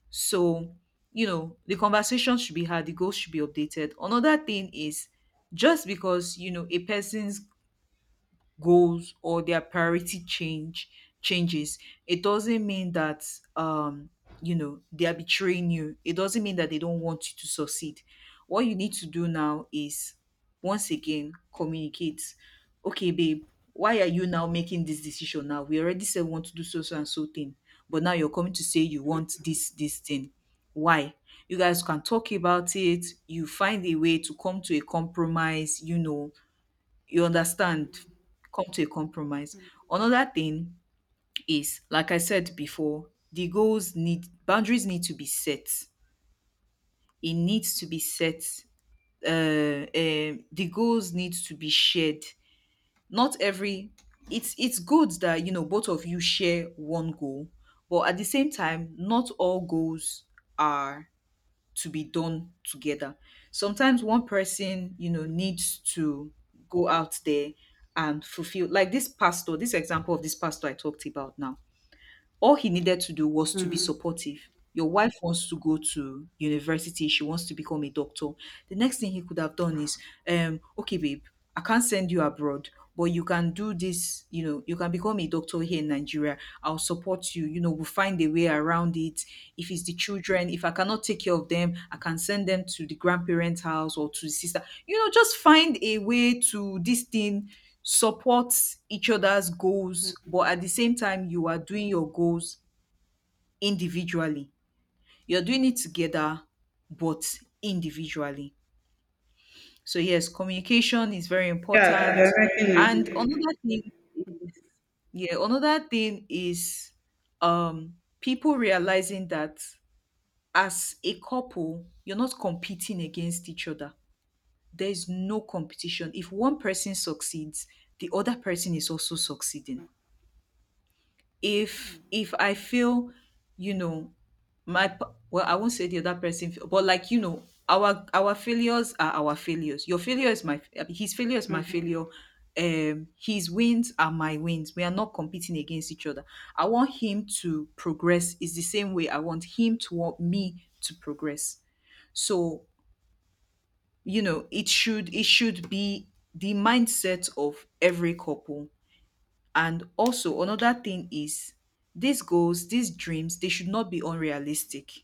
[SPEAKER 2] So the conversation should be had, the goals should be updated. Another thing is, just because a person's goals or their priority changes, it doesn't mean that um you know they are betraying you. It doesn't mean that they don't want you to succeed. What you need to do now is once again communicate. Okay, babe, why are you now making this decision? Now, we already said we want to do so, so and so thing, but now you're coming to say you want this thing. Why? You guys can talk about it. You find a way to come to a compromise, you know, you understand, come to a compromise. Another thing is, like I said before, the goals need boundaries need to be set. It needs to be set. The goals need to be shared. Not every. It's good that you know both of you share one goal, but at the same time, not all goals are to be done together. Sometimes one person, you know, needs to go out there and fulfill. Like this pastor, this example of this pastor I talked about now, all he needed to do was to be supportive. Your wife wants to go to university, she wants to become a doctor. The next thing he could have done is, okay, babe, I can't send you abroad, but you can do this, you know, you can become a doctor here in Nigeria. I'll support you. You know, we'll find a way around it. If it's the children, if I cannot take care of them, I can send them to the grandparents' house or to the sister. You know, just find a way to this thing. Support each other's goals, but at the same time, you are doing your goals individually. You're doing it together, but individually. So yes, communication is very
[SPEAKER 1] Yeah,
[SPEAKER 2] important.
[SPEAKER 1] they're making
[SPEAKER 2] And
[SPEAKER 1] it.
[SPEAKER 2] another thing is, yeah, another thing is um people realizing that as a couple, you're not competing against each other. There's no competition. If one person succeeds, the other person is also succeeding. If I feel, you know, my p- well, I won't say the other person feel, but like, you know, our failures are our failures. Your failure is my I mean, his failure is my failure. His wins are my wins. We are not competing against each other. I want him to progress is the same way I want him to want me to progress. So, you know, it should be the mindset of every couple. And also another thing is these goals, these dreams, they should not be unrealistic.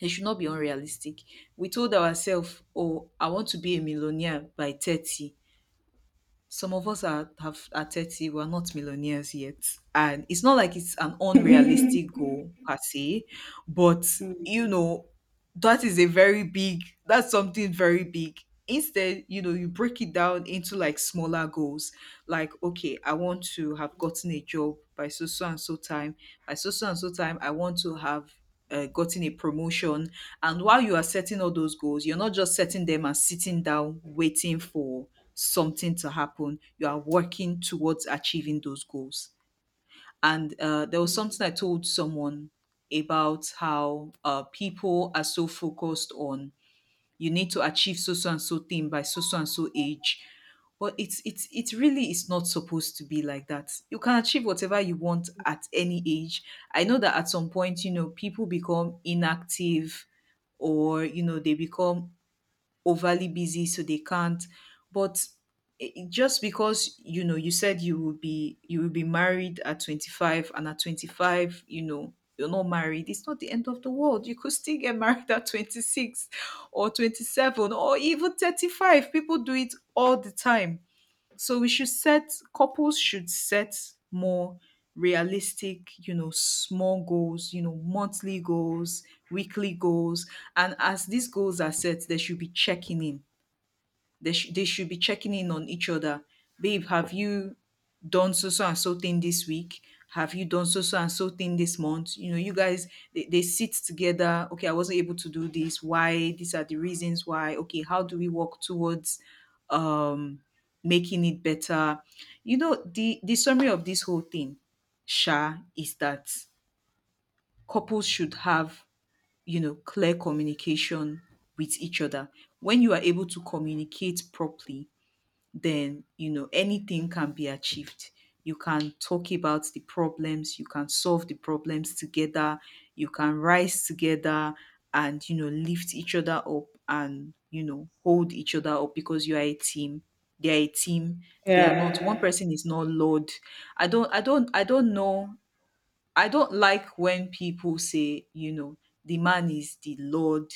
[SPEAKER 2] They should not be unrealistic. We told ourselves, oh, I want to be a millionaire by 30. Some of us are 30, we're not millionaires yet, and it's not like it's an unrealistic goal per se, but, you know, that is a very big that's something very big. Instead, you know, you break it down into like smaller goals. Like, okay, I want to have gotten a job by so, so and so time. By so, so and so time, I want to have gotten a promotion. And while you are setting all those goals, you're not just setting them and sitting down waiting for something to happen. You are working towards achieving those goals. And there was something I told someone about how people are so focused on you need to achieve so, so and so thing by so, so and so age. But it's it really is not supposed to be like that. You can achieve whatever you want at any age. I know that at some point, you know, people become inactive, or you know, they become overly busy so they can't. But just because, you know, you said you will be married at 25, and at 25, you know, you're not married, it's not the end of the world. You could still get married at 26 or 27 or even 35. People do it all the time. So we should set Couples should set more realistic, you know, small goals, you know, monthly goals, weekly goals. And as these goals are set, there should be checking in. They should be checking in on each other. Babe, have you done so, so and so thing this week? Have you done so, so and so thing this month? You know, you guys, they sit together. Okay, I wasn't able to do this. Why? These are the reasons why. Okay, how do we work towards um making it better? You know, the summary of this whole thing, Sha, is that couples should have, you know, clear communication with each other. When you are able to communicate properly, then you know anything can be achieved. You can talk about the problems. You can solve the problems together. You can rise together, and you know, lift each other up, and you know, hold each other up because you are a team. They are a team. They are not one
[SPEAKER 1] Yeah.
[SPEAKER 2] person is not Lord. I don't know. I don't like when people say, you know, the man is the Lord,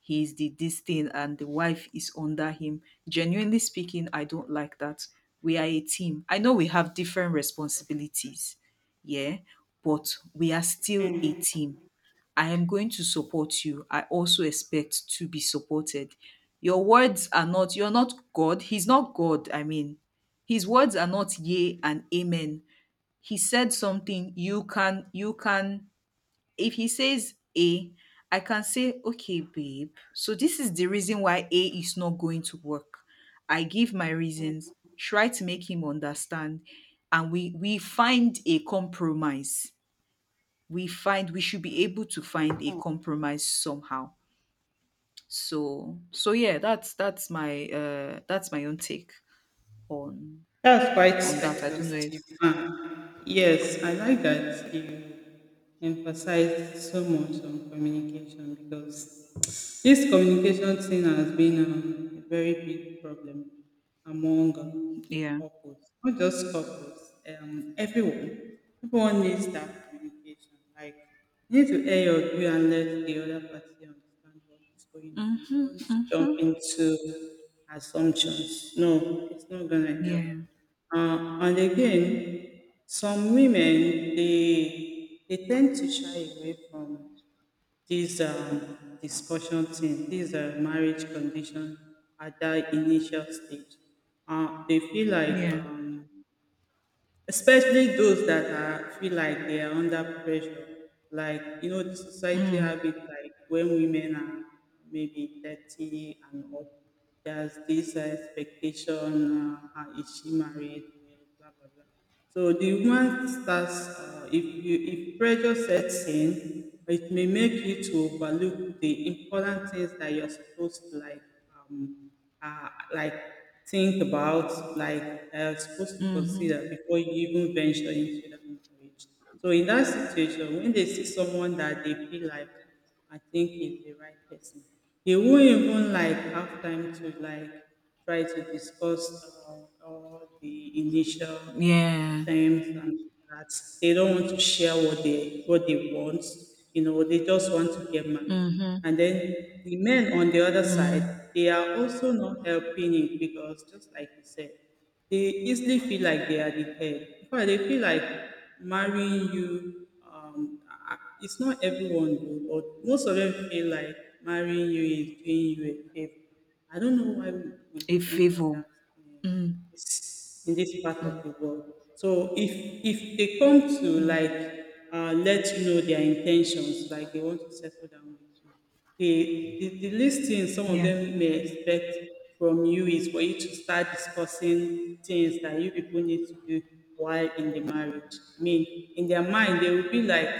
[SPEAKER 2] he's the this thing, and the wife is under him. Genuinely speaking, I don't like that. We are a team. I know we have different responsibilities, yeah, but we are still a team. I am going to support you. I also expect to be supported. Your words are not, You're not God. He's not God. I mean, his words are not yea and amen. He said something, you can, if he says A, I can say, okay, babe, so this is the reason why A is not going to work. I give my reasons, try to make him understand, and we find a compromise. We should be able to find a compromise somehow. So yeah, that's my own take on.
[SPEAKER 1] That's quite
[SPEAKER 2] That, I don't know if.
[SPEAKER 1] exhaustive. Ah, yes, I like that you emphasize so much on communication because this communication thing has been a very big problem among
[SPEAKER 2] Yeah.
[SPEAKER 1] couples, not just couples, everyone. Everyone needs that communication. Like, you need to air your view and let the other party understand what is going on. You
[SPEAKER 2] Mm-hmm,
[SPEAKER 1] don't jump
[SPEAKER 2] mm-hmm.
[SPEAKER 1] into assumptions. No, it's not going to help.
[SPEAKER 2] Yeah.
[SPEAKER 1] And
[SPEAKER 2] Mm.
[SPEAKER 1] again, some women, they tend to shy away from this discussion thing, this marriage condition at that initial stage, they feel like
[SPEAKER 2] Yeah.
[SPEAKER 1] um, especially those that are feel like they are under pressure like you know the society
[SPEAKER 2] Mm.
[SPEAKER 1] have it like when women are maybe 30 and up, there's this expectation, is she married, blah blah blah. So the woman starts if you if pressure sets in, it may make you to overlook the important things that you're supposed to like um, uh, like think about, like supposed to
[SPEAKER 2] Mhm.
[SPEAKER 1] consider before you even venture into that marriage. So in that situation, when they see someone that they feel like I think is the right person, they won't even like have time to like try to discuss or all the initial
[SPEAKER 2] Yeah.
[SPEAKER 1] terms and that. They don't want to share what they want. You know, they just want to get married.
[SPEAKER 2] Mhm.
[SPEAKER 1] And then the men on the other side,
[SPEAKER 2] Mm.
[SPEAKER 1] they are also not helping it because just like you said, they easily feel like they are the head. In fact, they feel like marrying you. It's not everyone, though, but most of them feel like marrying you is doing you a favor. I don't know why we
[SPEAKER 2] A
[SPEAKER 1] think like
[SPEAKER 2] favor.
[SPEAKER 1] that
[SPEAKER 2] Mm.
[SPEAKER 1] in this part of
[SPEAKER 2] Mm.
[SPEAKER 1] the world. So if they come to
[SPEAKER 2] Mm.
[SPEAKER 1] like let you know their intentions, like they want to settle down with you, the least thing some of
[SPEAKER 2] Yeah.
[SPEAKER 1] them may expect from you is for you to start discussing things that you people need to do while in the marriage. I mean, in their mind, they will be like,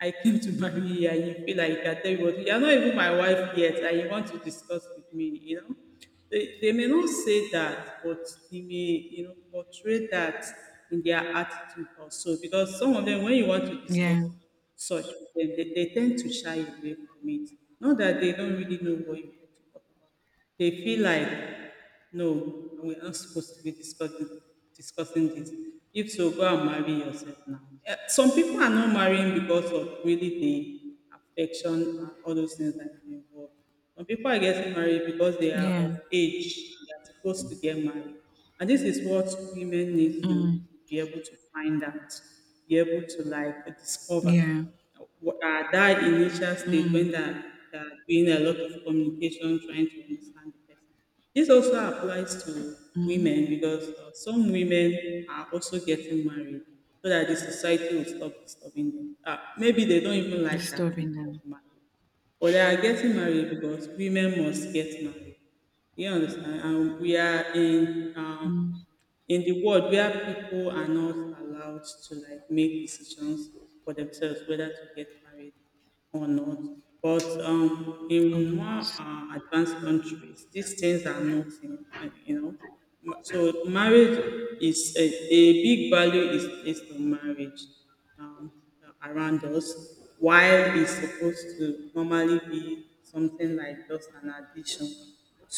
[SPEAKER 1] I came to marry you and you feel like you can tell me what you're not even my wife yet and you want to discuss with me, you know? They may not say that, but they may, you know, portray that in their attitude also. Because some of them, when you want to discuss
[SPEAKER 2] Yeah.
[SPEAKER 1] such with them, they tend to shy away from it. Not that they don't really know what you want to talk about. They feel like, no, we're not supposed to be discussing this. If so, go and marry yourself now. Eh, some people are not marrying because of really the affection and all those things that are involved. Some people are getting married because they are
[SPEAKER 2] Yeah.
[SPEAKER 1] of age, they are supposed to get married. And this is what women need to
[SPEAKER 2] Mm.
[SPEAKER 1] be able to find out, be able to like discover
[SPEAKER 2] Yeah.
[SPEAKER 1] what are that initial stage
[SPEAKER 2] Mm.
[SPEAKER 1] when they're doing a lot of communication, trying to understand the person. This also applies to
[SPEAKER 2] Mm.
[SPEAKER 1] women because some women are also getting married so that the society will stop disturbing them. Maybe they don't even like that thing
[SPEAKER 2] Disturbing
[SPEAKER 1] called
[SPEAKER 2] them.
[SPEAKER 1] marriage. But they are getting married because women must get married. You understand? And we are in
[SPEAKER 2] Mm.
[SPEAKER 1] in the world where people are not allowed to like make decisions for themselves whether to get married or not. But
[SPEAKER 2] Or
[SPEAKER 1] in
[SPEAKER 2] not.
[SPEAKER 1] more advanced countries, these things are not, in, you know. So marriage is a big value is placed on marriage. Um, um, Around us, while it's supposed to normally be something like just an addition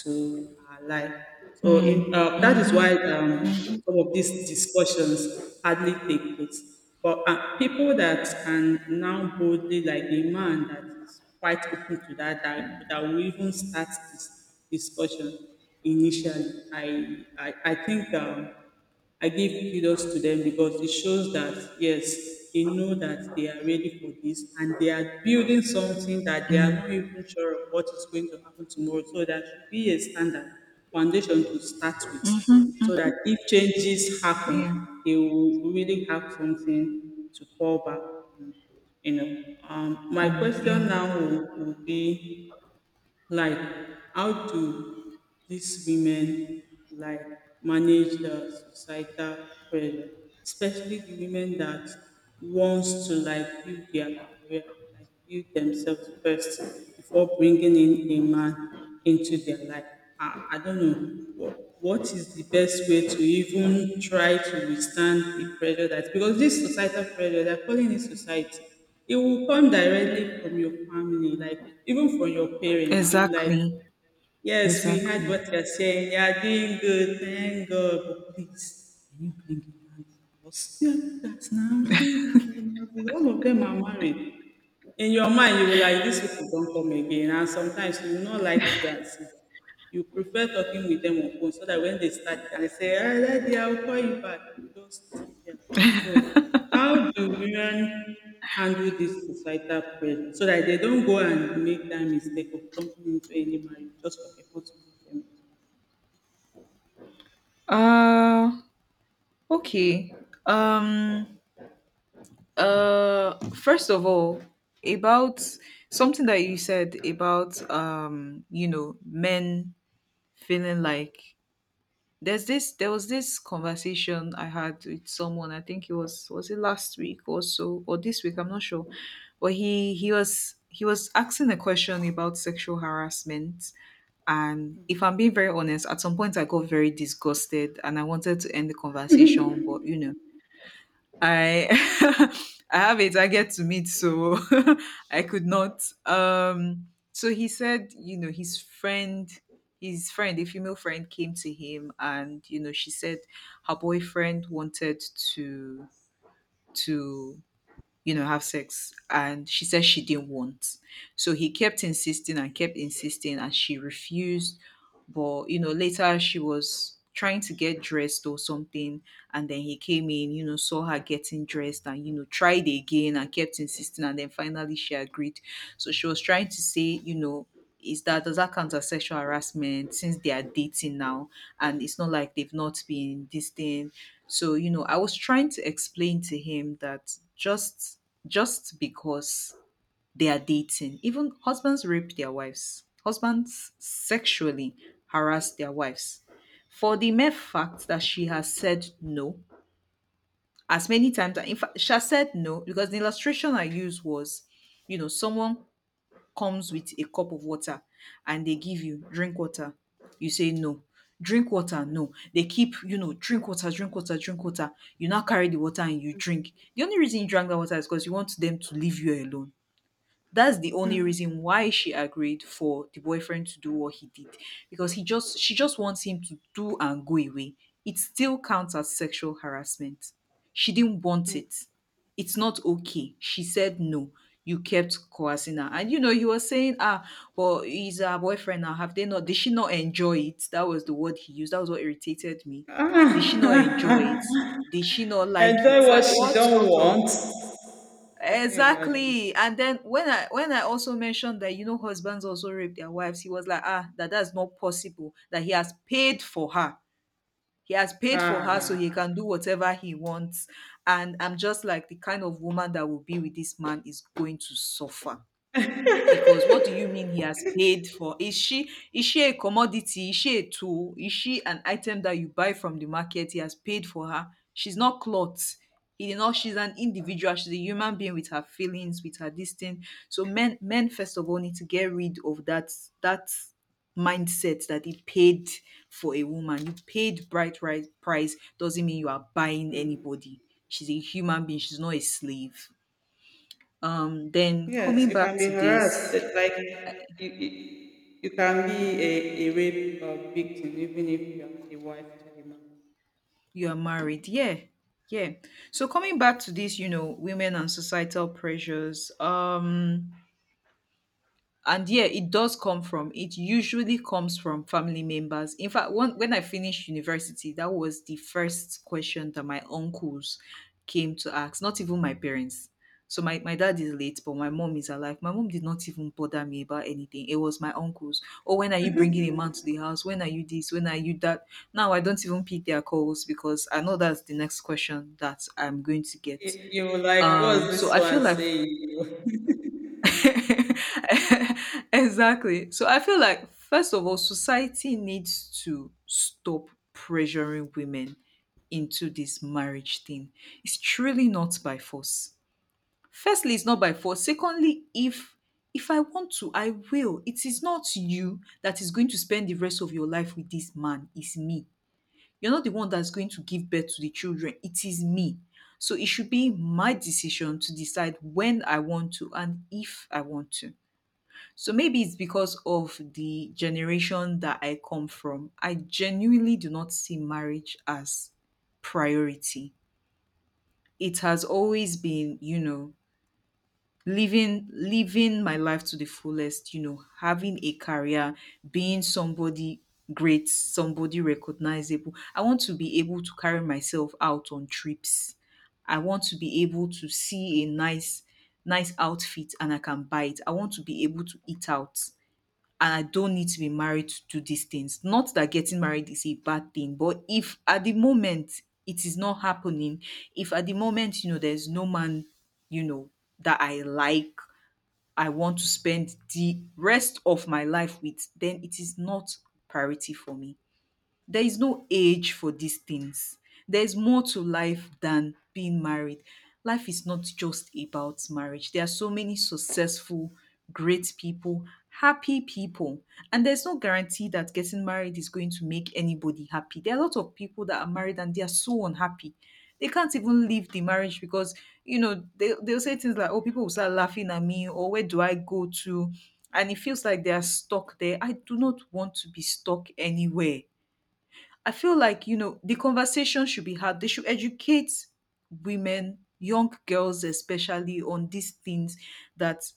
[SPEAKER 1] to our life. So
[SPEAKER 2] Mm.
[SPEAKER 1] in, that is
[SPEAKER 2] Mhm.
[SPEAKER 1] why
[SPEAKER 2] Mhm.
[SPEAKER 1] some of these discussions hardly take place. But people that can now boldly, like a man that is quite open to that, that will even start this discussion initially, I think I give kudos to them because it shows that yes, they know that they are ready for this and they are building something that they are
[SPEAKER 2] Mm.
[SPEAKER 1] not even sure of what is going to happen tomorrow. So that should be a standard foundation to start with.
[SPEAKER 2] Mhm.
[SPEAKER 1] So
[SPEAKER 2] Mm.
[SPEAKER 1] that if changes
[SPEAKER 2] Yeah.
[SPEAKER 1] happen, they will really have something to fall back on. You know. My
[SPEAKER 2] Yeah.
[SPEAKER 1] question now will be like, how do these women like manage the societal pressure, especially the women that wants to like build their career, like build themselves first before bringing in a man into their life. I don't know what is the best way to even try to withstand the pressure that, because this societal pressure they're calling it society, it will come directly from your family, like even from your parents. They will like,
[SPEAKER 2] Exactly.
[SPEAKER 1] yes, we heard
[SPEAKER 2] Exactly.
[SPEAKER 1] what you're saying. You're doing good, thank God, but please, can you bring a man for us? Yeah, that's now. See that was all of them are married. In your mind, you will like these people don't come again, and sometimes you will not like to go and see. You prefer talking with them on phone so that when they start you can say, ah, daddy, I'll call you back, you just disappear like that. So how do women handle this societal pressure so that they don't go and make that mistake of jumping into any marriage just for people to meet them?
[SPEAKER 2] Uh. Okay. Um. First of all, about something that you said about you know, men feeling like, there was this conversation I had with someone. I think it was it last week or so, or this week, I'm not sure. But he was asking a question about sexual harassment, and if I'm being very honest, at some point I got very disgusted and I wanted to end the conversation, but you know, I I have a target to meet, so I could not. So he said, you know, his friend, a female friend, came to him, and you know, she said her boyfriend wanted to to you know, have sex, and she said she didn't want. So he kept insisting, and she refused. But you know, later she was trying to get dressed or something, and then he came in, you know, saw her getting dressed and you know, tried again and kept insisting, and then finally she agreed. So she was trying to say, you know, is that does that count as sexual harassment, since they are dating now, and it's not like they've not been this thing. So, you know, I was trying to explain to him that just because they are dating. Even husbands rape their wives. Husbands sexually harass their wives. For the mere fact that she has said no, as many times, in fact, she has said no, because the illustration I used was, someone comes with a cup of water and they give you drink water. You say no. Drink water, no. They keep, drink water, drink water, drink water. You now carry the water and you drink. The only reason you drank that water is because you want them to leave you alone. That's the only reason why she agreed for the boyfriend to do what he did, because he just she just wants him to do and go away. It still counts as sexual harassment. She didn't want it. It's not okay, she said no. You kept coercing her, and he was saying, ah, well, he's her boyfriend now, have they not, did she not enjoy it? That was the word he used. That was what irritated me. Did she not
[SPEAKER 1] Ah,
[SPEAKER 2] enjoy it? Did she not like it?
[SPEAKER 1] enjoy
[SPEAKER 2] Like,
[SPEAKER 1] what she
[SPEAKER 2] what
[SPEAKER 1] don't
[SPEAKER 2] sort of—
[SPEAKER 1] want. Can you imagine?
[SPEAKER 2] Exactly. And then when I also mentioned that husbands also rape their wives, he was like, ah, that's not possible. That he has paid for her. He has paid for her so he
[SPEAKER 1] Ah.
[SPEAKER 2] can do whatever he wants. And I'm just like, the kind of woman that will be with this man is going to suffer. Because what do you mean he has paid for? Is she a commodity? Is she a tool? Is she an item that you buy from the market? He has paid for her. She's not clothes. He did not, she's an individual, she's a human being with her feelings, with her this thing. So men first of all need to get rid of that that mindset that he paid for a woman. You paid bright price doesn't mean you are buying anybody. She's a human being, she's not a slave. Then
[SPEAKER 1] Yes,
[SPEAKER 2] coming
[SPEAKER 1] you
[SPEAKER 2] back
[SPEAKER 1] can be
[SPEAKER 2] to
[SPEAKER 1] harassed.
[SPEAKER 2] this,
[SPEAKER 1] It's like you can be a rape victim even if you're not the wife to the man.
[SPEAKER 2] you are married, yeah, yeah. So coming back to this, women and societal pressures. And yeah, it does come from, it usually comes from family members. In fact, one, when I finished university, that was the first question that my uncles came to ask, not even my parents. So my dad is late, but my mom is alive. My mom did not even bother me about anything. It was my uncles. Oh, when are you bringing a man to the house? When are you this? When are you that? Now I don't even pick their calls because I know that's the next question that I'm going to
[SPEAKER 1] You,
[SPEAKER 2] get.
[SPEAKER 1] you were like, what's
[SPEAKER 2] So
[SPEAKER 1] this
[SPEAKER 2] I feel
[SPEAKER 1] one
[SPEAKER 2] like
[SPEAKER 1] saying?
[SPEAKER 2] exactly. So I feel like, first of all, society needs to stop pressuring women into this marriage thing. It's truly not by force. Firstly, it's not by force. Secondly, if I want to, I will. It is not you that is going to spend the rest of your life with this man. It's me. You're not the one that's going to give birth to the children. It is me. So it should be my decision to decide when I want to and if I want to. So maybe it's because of the generation that I come from. I genuinely do not see marriage as priority. It has always been, living my life to the fullest, having a career, being somebody great, somebody recognizable. I want to be able to carry myself out on trips. I want to be able to see a nice nice outfit and I can buy it. I want to be able to eat out, and I don't need to be married to do these things. Not that getting married is a bad thing, but if at the moment it is not happening, if at the moment, there's no man, you know, that I like, I want to spend the rest of my life with, then it is not priority for me. There is no age for these things. There's more to life than being married. Life is not just about marriage. There are so many successful, great people, happy people. And there's no guarantee that getting married is going to make anybody happy. There are a lot of people that are married and they are so unhappy. They can't even leave the marriage because, they'll say things like, oh, people will start laughing at me, or where do I go to? And it feels like they are stuck there. I do not want to be stuck anywhere. I feel like, the conversation should be had. They should educate women, young girls especially, on these things, that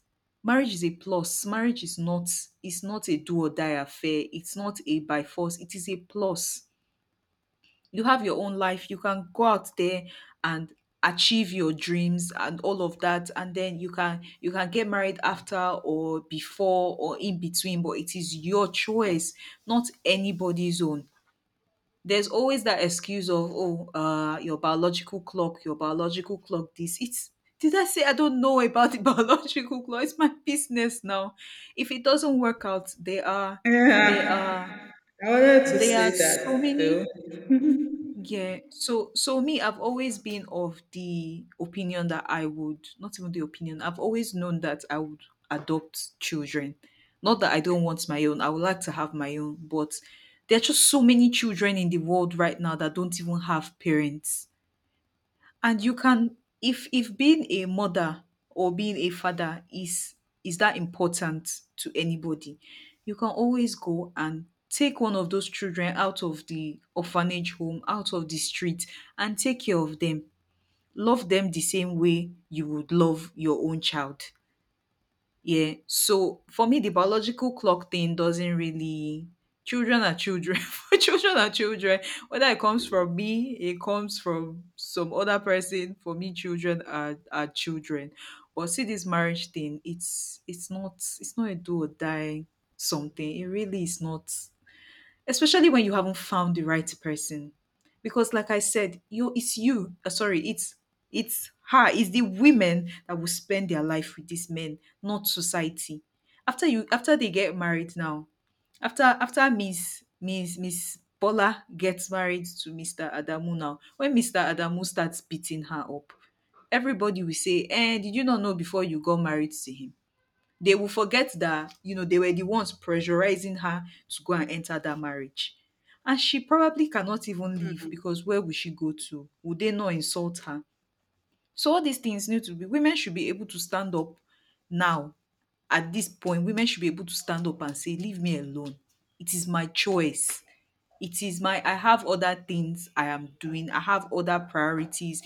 [SPEAKER 2] marriage is a plus. Marriage is not it's not a do or die affair. It's not a by force. It is a plus. You have your own life. You can go out there and achieve your dreams and all of that, and then you can get married after or before or in between, but it is your choice, not anybody's own. There's always that excuse of, oh, your biological clock, your biological clock this, it's, did I say I don't know about the biological clock? It's my business now. If it doesn't work out, there
[SPEAKER 1] Yeah,
[SPEAKER 2] are
[SPEAKER 1] I wanted to
[SPEAKER 2] there are
[SPEAKER 1] say
[SPEAKER 2] so
[SPEAKER 1] that
[SPEAKER 2] many...
[SPEAKER 1] too.
[SPEAKER 2] Yeah. So me, I've always been of the opinion that I would, not even the opinion, I've always known that I would adopt children. Not that I don't want my own, I would like to have my own, but there are just so many children in the world right now that don't even have parents. And you can, if being a mother or being a father is that important to anybody, you can always go and take one of those children out of the orphanage home, out of the street, and take care of them, love them the same way you would love your own child. Yeah. So for me, the biological clock thing doesn't really. Children are children. For children are children. Whether it comes from me, it comes from some other person. For me, children are children. But see, this marriage thing, it's not a do or die something. It really is not, especially when you haven't found the right person, because like I said, you it's you, sorry it's her, it's the women that will spend their life with these men, not society. After they get married, now, after Miss Bola gets married to Mr. Adamu, now when Mr. Adamu starts beating her up, everybody will say, eh, did you not know before you got married to him? They will forget that, they were the ones pressurizing her to go and enter that marriage. And she probably cannot even leave because where will she go to? Would they not insult her? So all these things need to be, women should be able to stand up now, at this point, women should be able to stand up and say, leave me alone. It is my choice. It is my, I have other things I am doing. I have other priorities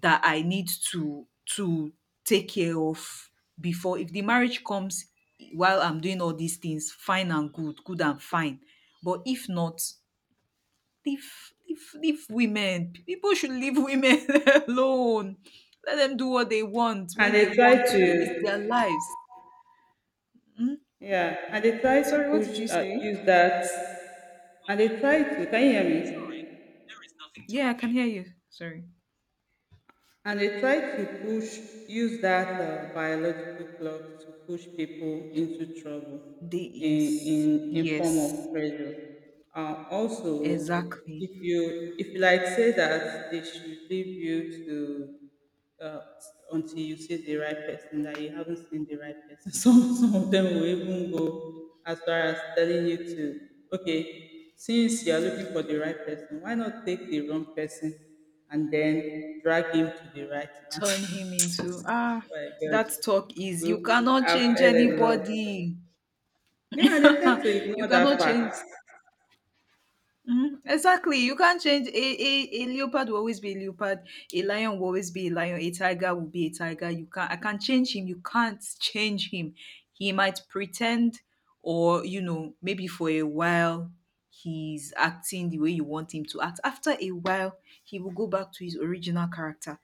[SPEAKER 2] that I need to to take care of. Before, if the marriage comes while I'm doing all these things, fine and good, good and fine. But if not, leave leave leave women. People should leave women alone. Let them do what they want
[SPEAKER 1] And
[SPEAKER 2] when
[SPEAKER 1] they
[SPEAKER 2] they want
[SPEAKER 1] try
[SPEAKER 2] to. It's their
[SPEAKER 1] to,
[SPEAKER 2] lives.
[SPEAKER 1] yeah, and they try to
[SPEAKER 2] Sorry, what did
[SPEAKER 1] push,
[SPEAKER 2] you say?
[SPEAKER 1] use that, and they try to, can you hear me?
[SPEAKER 2] Yeah, I can hear you. Sorry.
[SPEAKER 1] And they try to push, use that biological clock to push people into trouble
[SPEAKER 2] They,
[SPEAKER 1] in in,
[SPEAKER 2] yes.
[SPEAKER 1] in form
[SPEAKER 2] Yes.
[SPEAKER 1] of pressure. Also,
[SPEAKER 2] Exactly.
[SPEAKER 1] if you like say that they should leave you to uh, until you see the right person, that you haven't seen the right person. Some of them will even go as far as telling you to, okay, since you are looking for the right person, why not take the wrong person and then drag him to the right one?
[SPEAKER 2] Turn him
[SPEAKER 1] Oh
[SPEAKER 2] into, ah,
[SPEAKER 1] my God,
[SPEAKER 2] that talk is, you cannot
[SPEAKER 1] I've
[SPEAKER 2] change
[SPEAKER 1] heard a lot.
[SPEAKER 2] anybody.
[SPEAKER 1] Yeah, they tend to
[SPEAKER 2] You
[SPEAKER 1] ignore
[SPEAKER 2] cannot
[SPEAKER 1] that
[SPEAKER 2] change.
[SPEAKER 1] fact.
[SPEAKER 2] Mhm, exactly. You can't change a, a leopard will always be a leopard, a lion will always be a lion, a tiger will be a tiger. You can't, I can't change him. You can't change him. He might pretend, or maybe for a while he's acting the way you want him to act. After a while, he will go back to his original character.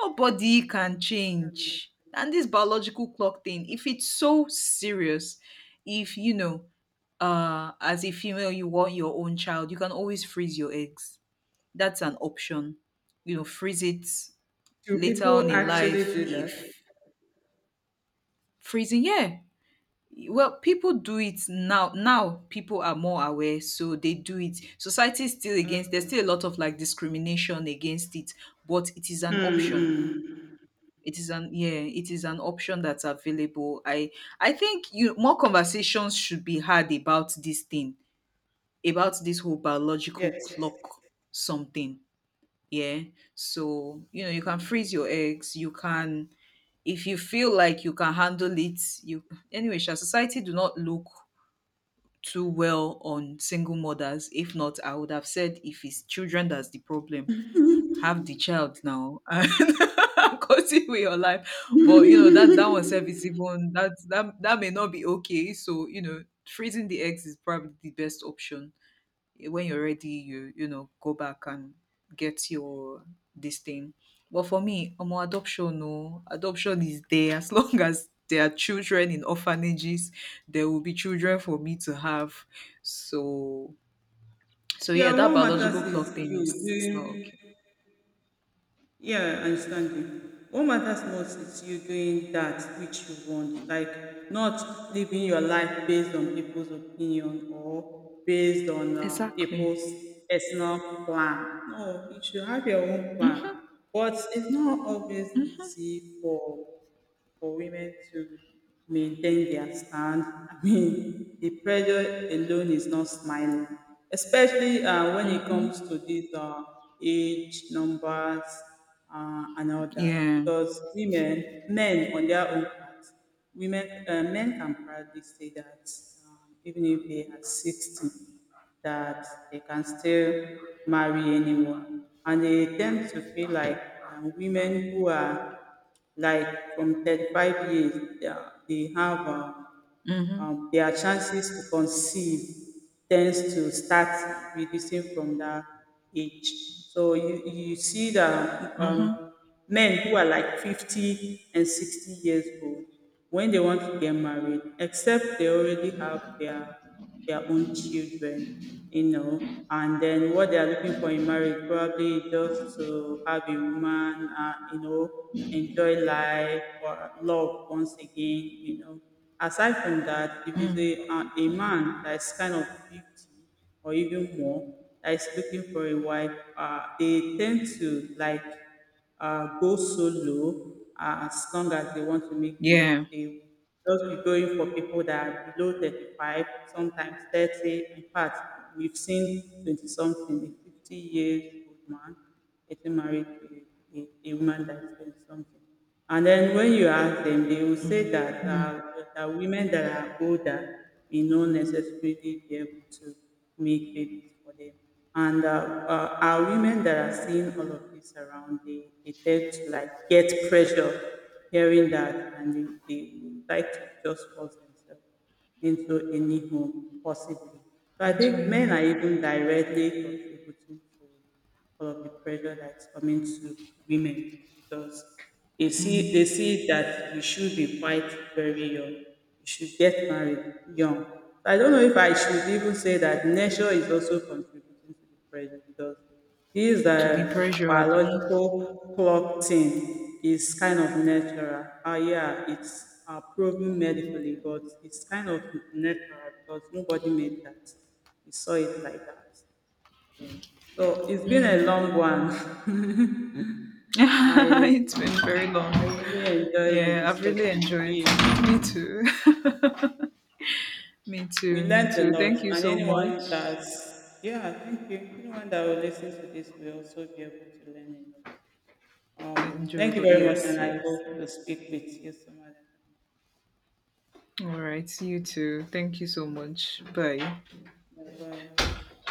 [SPEAKER 2] Nobody can
[SPEAKER 1] Um,
[SPEAKER 2] change. And this biological clock thing, if it's so serious, if you know, as a female, you want your own child, you can always freeze your eggs. That's an option. Freeze it
[SPEAKER 1] Do
[SPEAKER 2] later on
[SPEAKER 1] people
[SPEAKER 2] in
[SPEAKER 1] actually
[SPEAKER 2] life,
[SPEAKER 1] do that?
[SPEAKER 2] if freezing, yeah. Well, people do it now. Now people are more aware, so they do it. Society is still against. There's still a lot
[SPEAKER 1] Okay.
[SPEAKER 2] of like discrimination against it, but it is an option.
[SPEAKER 1] Mm-hmm.
[SPEAKER 2] It is an Yeah, it is an option that's available. I think you more conversations should be had about this thing, about this whole biological
[SPEAKER 1] Yes.
[SPEAKER 2] clock something. Yeah. So you can freeze your eggs, you can, if you feel like you can handle it, you anyway shall society do not look too well on single mothers. If not, I would have said, if it's children that's the problem, have the child now and continue with your life. But you know that that one self is even that may not be okay. So freezing the eggs is probably the best option. Eh, when you're ready, go back and get your this thing. But for me, adoption no, adoption is there. As long as there are children in orphanages, there will be children for me to have. So yeah,
[SPEAKER 1] Yeah,
[SPEAKER 2] that
[SPEAKER 1] what matters
[SPEAKER 2] biological clock
[SPEAKER 1] is
[SPEAKER 2] thing
[SPEAKER 1] you
[SPEAKER 2] is, it's not
[SPEAKER 1] doing,
[SPEAKER 2] okay.
[SPEAKER 1] yeah, I understand you. What matters most is you doing that which you want, like not living your life based on people's opinion or based on
[SPEAKER 2] Exactly.
[SPEAKER 1] people's personal plan. No, you should have your own plan. But it's not always
[SPEAKER 2] Mhm,
[SPEAKER 1] easy for women to maintain their stand. I mean, the pressure alone is not smiling, especially when it
[SPEAKER 2] mhm.
[SPEAKER 1] comes to these age numbers and all that.
[SPEAKER 2] Yeah.
[SPEAKER 1] Because women, men on their own part, women, men can proudly say that even if they are 60, that they can still marry anyone. And they tend to feel like women who are like from 35 years, they have
[SPEAKER 2] Mhm,
[SPEAKER 1] their chances to conceive tends to start reducing from that age. So you see that
[SPEAKER 2] mhm,
[SPEAKER 1] men who are like 50 and 60 years old, when they want to get married, except they already have their own children, you know. And then what they are looking for in marriage probably just to have a woman, you know, enjoy life or love once again, you know. Aside from that, if it's
[SPEAKER 2] mm.
[SPEAKER 1] a man that is kind of 50 or even more that is looking for a wife, they tend to like go solo, as long as they want to make babies.
[SPEAKER 2] Yeah.
[SPEAKER 1] They just be going for people that are below 35, sometimes 30. In fact, we've seen 20 something, a 50 years old man getting married to a woman that is 20 something. And then when you ask them, they will say
[SPEAKER 2] Mm,
[SPEAKER 1] that
[SPEAKER 2] mm.
[SPEAKER 1] that women that are older may not necessarily be able to make babies for them. Okay. And our women that are seeing all of this around, they tend to like get pressure hearing that, and they would like to just force themselves into any home, possibly. So I
[SPEAKER 2] It's
[SPEAKER 1] think men
[SPEAKER 2] ready.
[SPEAKER 1] are even directly contributing to all of the pressure that's coming to women because they
[SPEAKER 2] Mm.
[SPEAKER 1] see that you should be quite very young. You should get married young. So I don't know if I should even say that nature is also contributing to the pressure because this
[SPEAKER 2] To the pressure, Abby.
[SPEAKER 1] biological clock thing is kind of natural. Yeah, it's proven medically, but it's kind of natural because nobody made that. We saw it like that. Yeah. So it's been a
[SPEAKER 2] Mm.
[SPEAKER 1] long one. I
[SPEAKER 2] It's been very long.
[SPEAKER 1] I really enjoyed the
[SPEAKER 2] Yeah, I've really
[SPEAKER 1] discussion.
[SPEAKER 2] enjoyed.
[SPEAKER 1] We
[SPEAKER 2] Me too. Me
[SPEAKER 1] we
[SPEAKER 2] too. Me
[SPEAKER 1] learned a
[SPEAKER 2] too.
[SPEAKER 1] lot,
[SPEAKER 2] Thank you
[SPEAKER 1] and
[SPEAKER 2] so
[SPEAKER 1] anyone
[SPEAKER 2] much.
[SPEAKER 1] that's, yeah, thank you. Anyone that will listen to this will also be able to learn a lot. Thank you
[SPEAKER 2] Enjoyable.
[SPEAKER 1] very much,
[SPEAKER 2] Yes,
[SPEAKER 1] and I
[SPEAKER 2] yes.
[SPEAKER 1] hope to speak with you some other
[SPEAKER 2] All right. You too. Thank you so much. Bye.
[SPEAKER 1] time. Bye bye.